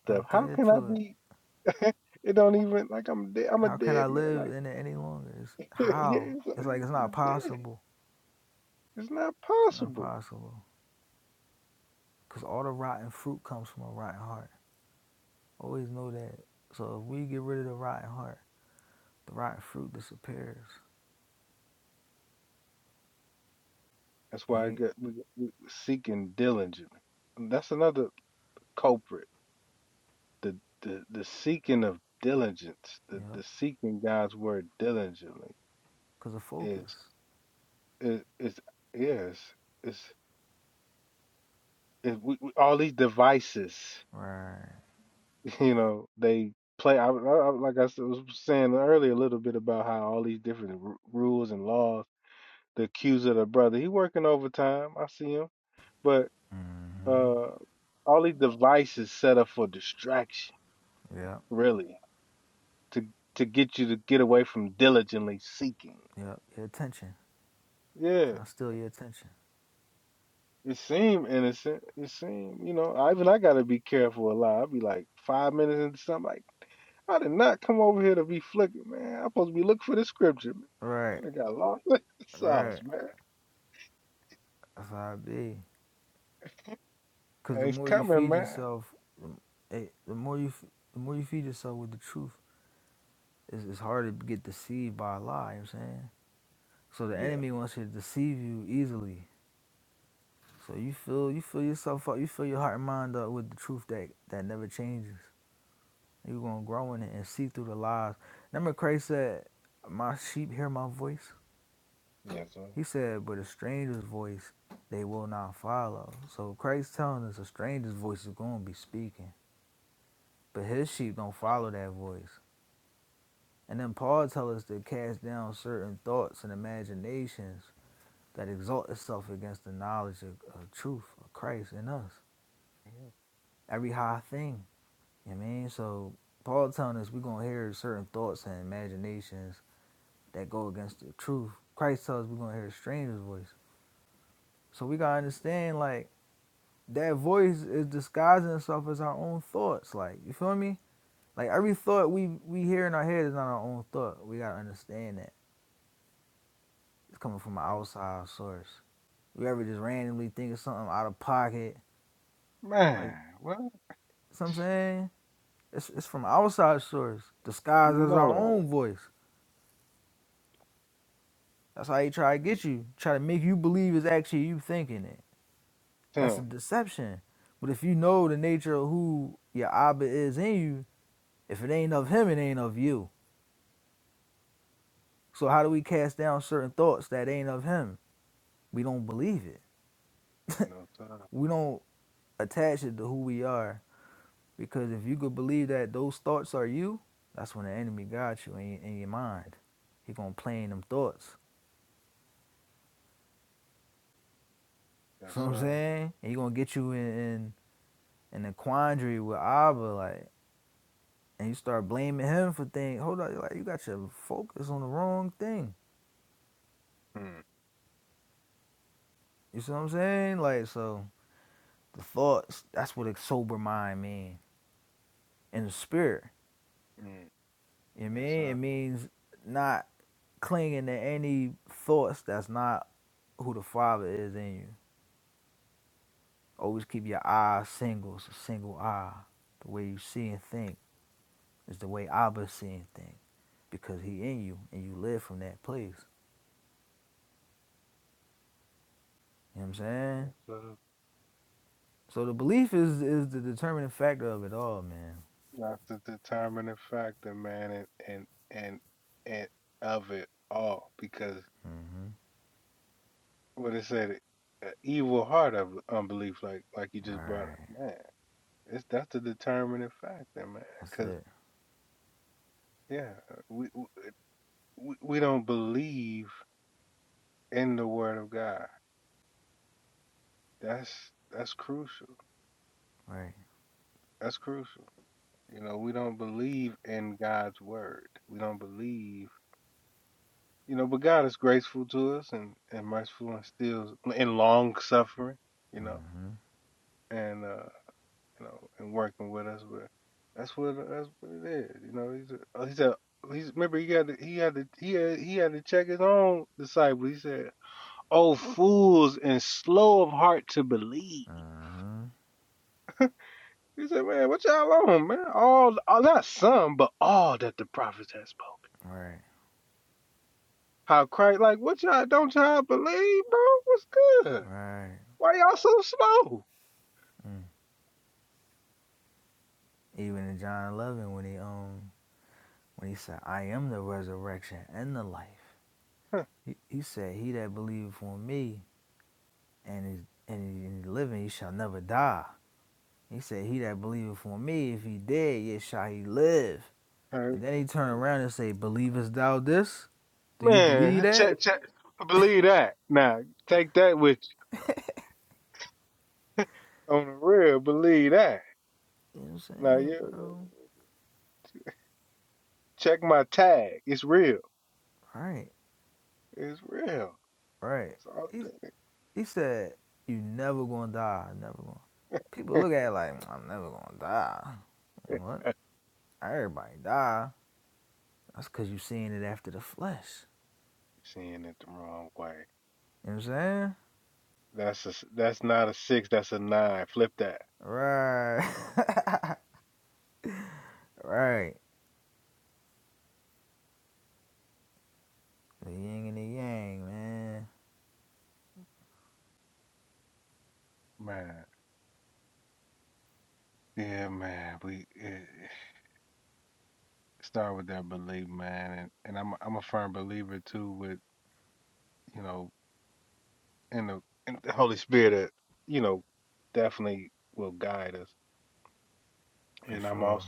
Speaker 4: I'm dead to it. How can I live in it any longer? It's, how? It's like it's not possible. It's not possible. Because all the rotten fruit comes from a rotten heart. Always know that. So if we get rid of the rotten heart, the rotten fruit disappears. And you, yep. Because of focus. Right. hmm Yep. Yep. Your attention. Trying to steal your attention. Right. Right. That's how it be. Because the more you feed yourself, the- it, the more you the more you feed yourself with the truth, It's, it's hard to get deceived by a lie. You know what I'm saying so. The enemy wants you to deceive you easily. So you fill you fill yourself up. You fill your heart and mind up with the truth that that never changes. You're gonna grow in it and see through the lies. Remember, Christ said, "My sheep hear my voice." He said, "But a stranger's voice they will not follow." So Christ telling us a stranger's voice is gonna be speaking, but his sheep don't follow that voice. And then Paul tells us to cast down certain thoughts and imaginations that exalt itself against the knowledge of, of truth of Christ in us. Every high thing, you know what I mean? So Paul telling us we're gonna hear certain thoughts and imaginations that go against the truth. Christ tells us we're gonna hear a stranger's voice. So we gotta understand like that voice is disguising itself as our own thoughts. Like you feel me? Like every thought we we hear in our head is not our own thought. We gotta understand that it's coming from an outside source. We ever just randomly think of something out of pocket, like you know what I'm saying. It's, it's from outside source, disguised as our own voice. That's how he try to get you, try to make you believe it's actually you thinking it. That's a deception. But if you know the nature of who your Abba is in you, if it ain't of him, it ain't of you. So how do we cast down certain thoughts that ain't of him? We don't believe it. (laughs) we don't attach it to who we are. Because if you could believe that those thoughts are you, that's when the enemy got you in, in your mind. He gonna play in them thoughts. So you know what I'm saying and he gonna get you in in, in a quandary with Abba, like, and you start blaming him for things. Hold on, like you got your focus on the wrong thing. You see what I'm saying? Like, so the thoughts. That's what a sober mind means, And the spirit, you know what I mean it means not clinging to any thoughts that's not who the Father is in you. Always keep your eyes single. It's a single eye. The way you see and think is the way Abba see and think. because he in you and you live from that place. You know what I'm saying? So the belief is is the determining factor of it all, man. Mm-hmm. Right. That's it. Right. Mm-hmm. Mm-hmm. Right. Right. Mm. Even in John 11, when he um when he said, "I am the resurrection and the life," he, he said, "He that believeth on me and is and he, and he living, he shall never die." He said, "He that believeth on me, if he dead, yet shall he live." And then he turn around and say, Believest thou this? Do you believe that? You know what I'm saying, bro? Right, right. He, he said, You never gonna die, never gonna. People look at it like, I'm never gonna die. What? Everybody die. That's cause you seeing it after the flesh. You know what I'm saying? Right. (laughs) right. The yin and the yang, man. For sure.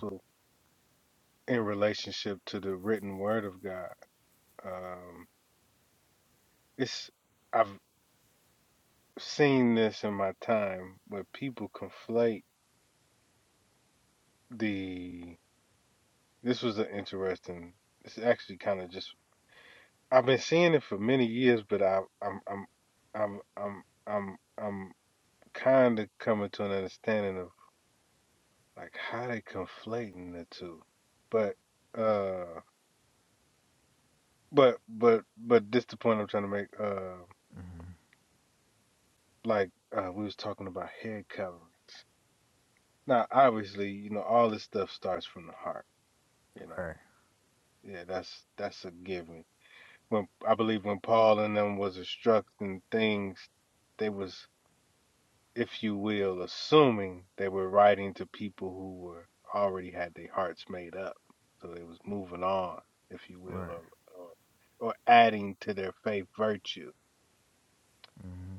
Speaker 4: Right, right. hmm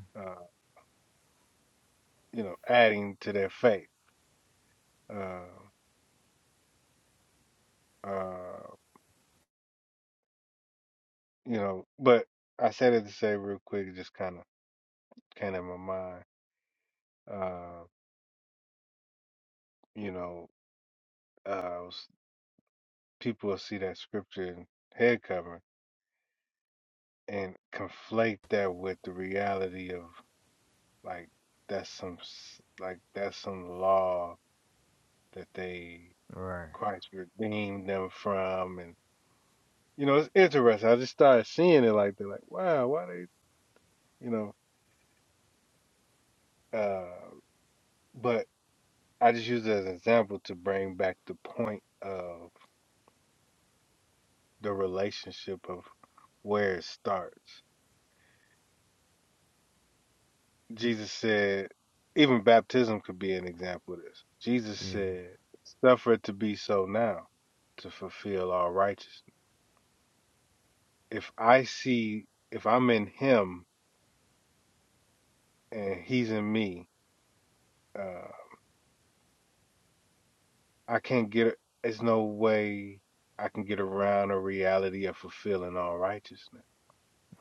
Speaker 4: Right. Yeah,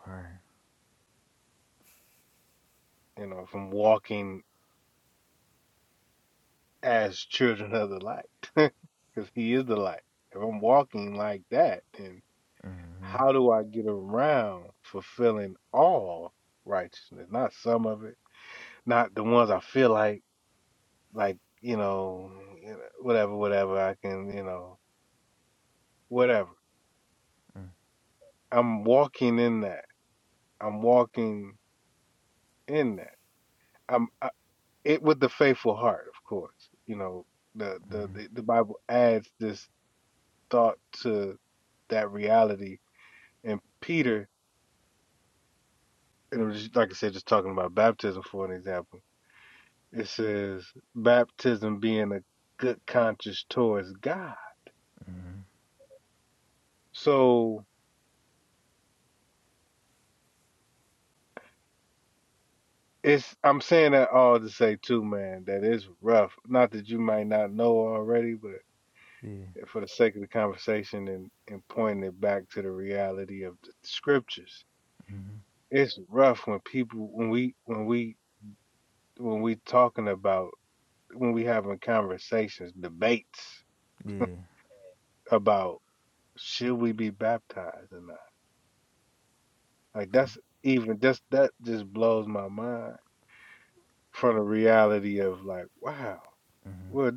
Speaker 4: right. hmm Mm-hmm, mm-hmm. Yeah. Mm-hmm. Yeah. It's a, mm-hmm.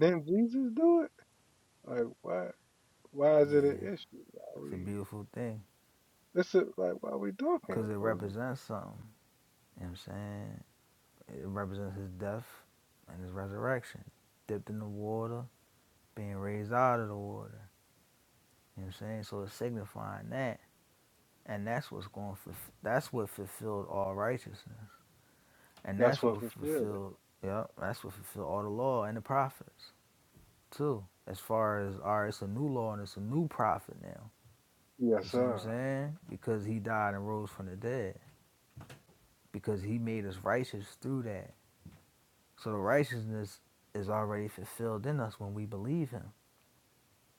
Speaker 4: yeah. It's a beautiful thing because it represents something. You know what I'm saying? It represents his death and his resurrection. Dipped in the water, being raised out of the water. You know what I'm saying? So it's signifying that. And that's what's going for that's what fulfilled all righteousness. And that's what fulfilled yep, that's what fulfilled all the law and the prophets too. As far as all right, it's a new law and it's a new prophet now. You see what I'm saying? Because he died and rose from the dead. Because he made us righteous through that. So the righteousness is already fulfilled in us when we believe him.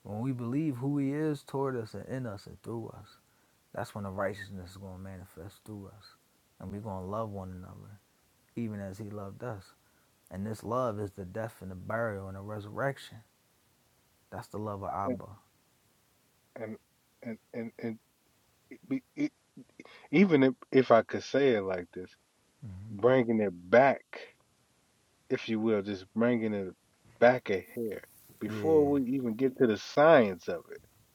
Speaker 4: When we believe who he is toward us and in us and through us. That's when the righteousness is going to manifest through us. And we're going to love one another, even as he loved us. And this love is the death and the burial and the resurrection. That's the love of Abba. Mm-hmm. Yeah.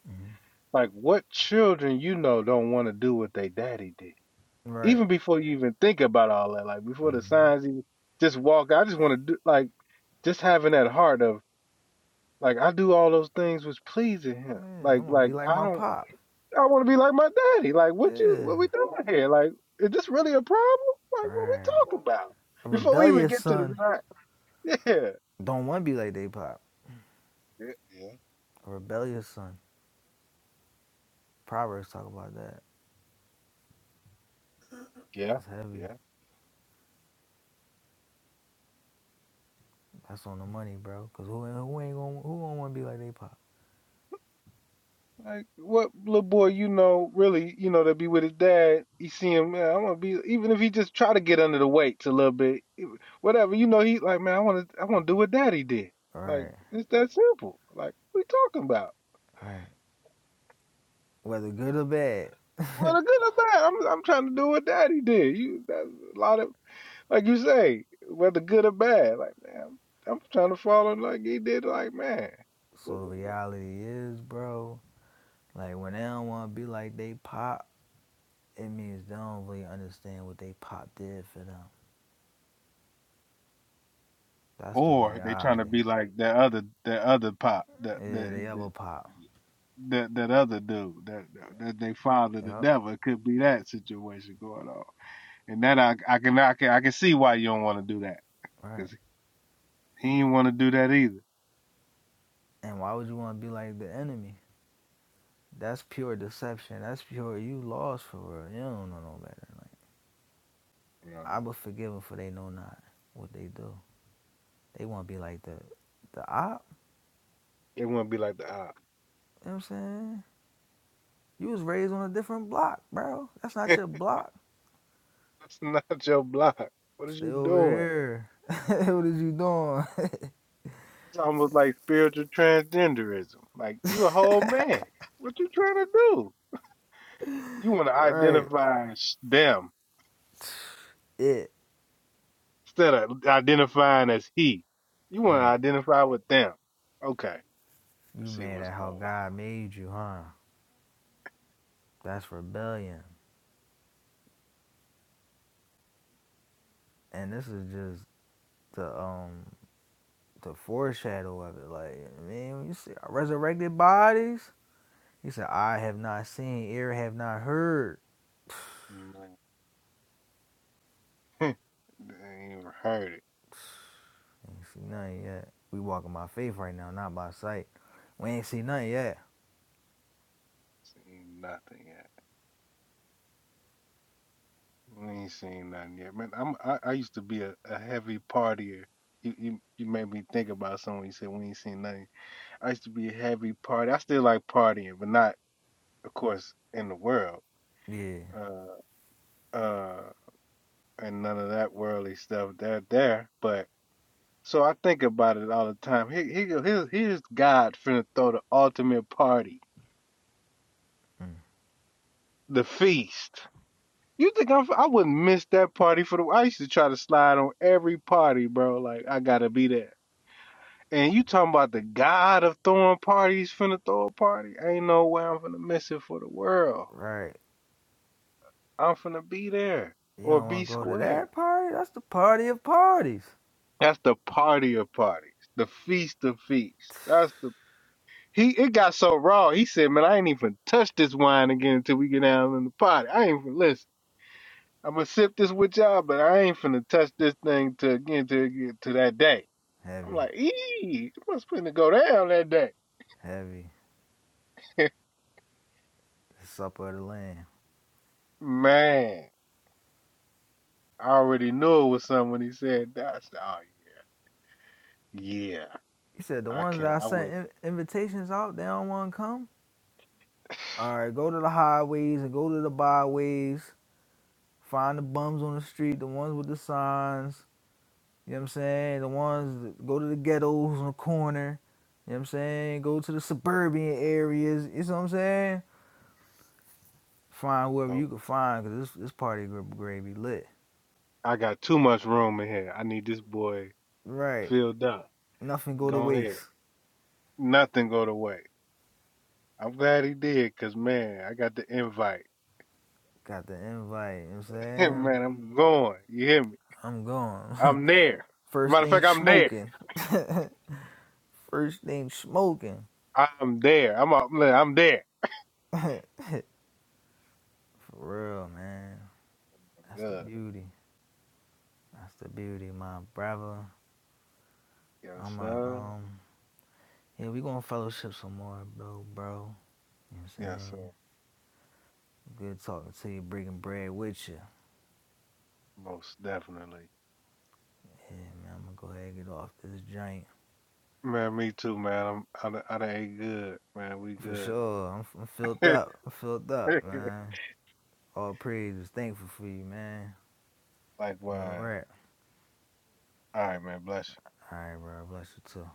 Speaker 4: Mm-hmm. Right. hmm Yeah, I'm going to be like my pop. Yeah. Right. A rebellious son don't want to be like they pop. A rebellious son. Proverbs talk about that. That's heavy. That's on the money, bro. Cause who who ain't gonna who will not want to be like they pop? Right. Right. Whether good or bad. (laughs) so the reality is, bro. Like when they don't want to be like they pop, it means they don't really understand what they pop did for them. That's the reality. Yeah, they ever pop. Yep. Right. And why would you want to be like the enemy? That's pure deception. That's pure. You lost for real. You don't know no better. Like I was forgiven for they know not what they do. They want to be like the the op. You know what I'm saying? You was raised on a different block, bro. That's not your block. Stay over here. (laughs) what is you doing? (laughs) right. It. Right. You mad at how God made you, huh? That's rebellion. And this is just the um the foreshadow of it. Like, I mean, when you see resurrected bodies, He said, I have not seen, ear have not heard. Ain't see nothing yet. We walking by faith right now, not by sight. We ain't see nothing yet. Yeah. Mm. Right. You don't want to go to that party? That's the party of parties. Heavy, heavy. The supper of the Lamb. He said, the ones that I sent in- invitations out, they don't want to come. All right, go to the highways and go to the byways. Find the bums on the street, the ones with the signs You know what I'm saying? The ones that go to the ghettos on the corner. You know what I'm saying? Go to the suburban areas. You know what I'm saying? Find whoever you can find because this, this party group gravy lit. Right. Nothing go to waste. Got the invite. You know what I'm saying? I'm going. (laughs) First thing smoking. (laughs) First thing smoking. For real, man. That's the beauty. That's the beauty, my brother. I'm a, um, yeah, we gonna fellowship some more, bro, bro. You know what I'm saying? Good talking to you, bringing bread with you. Yeah, man, I'm gonna go ahead and get off this joint. For sure, I'm, I'm filled up. I'm filled up, man. All praise is thankful for you, man. All right. All right, bro. Bless you too.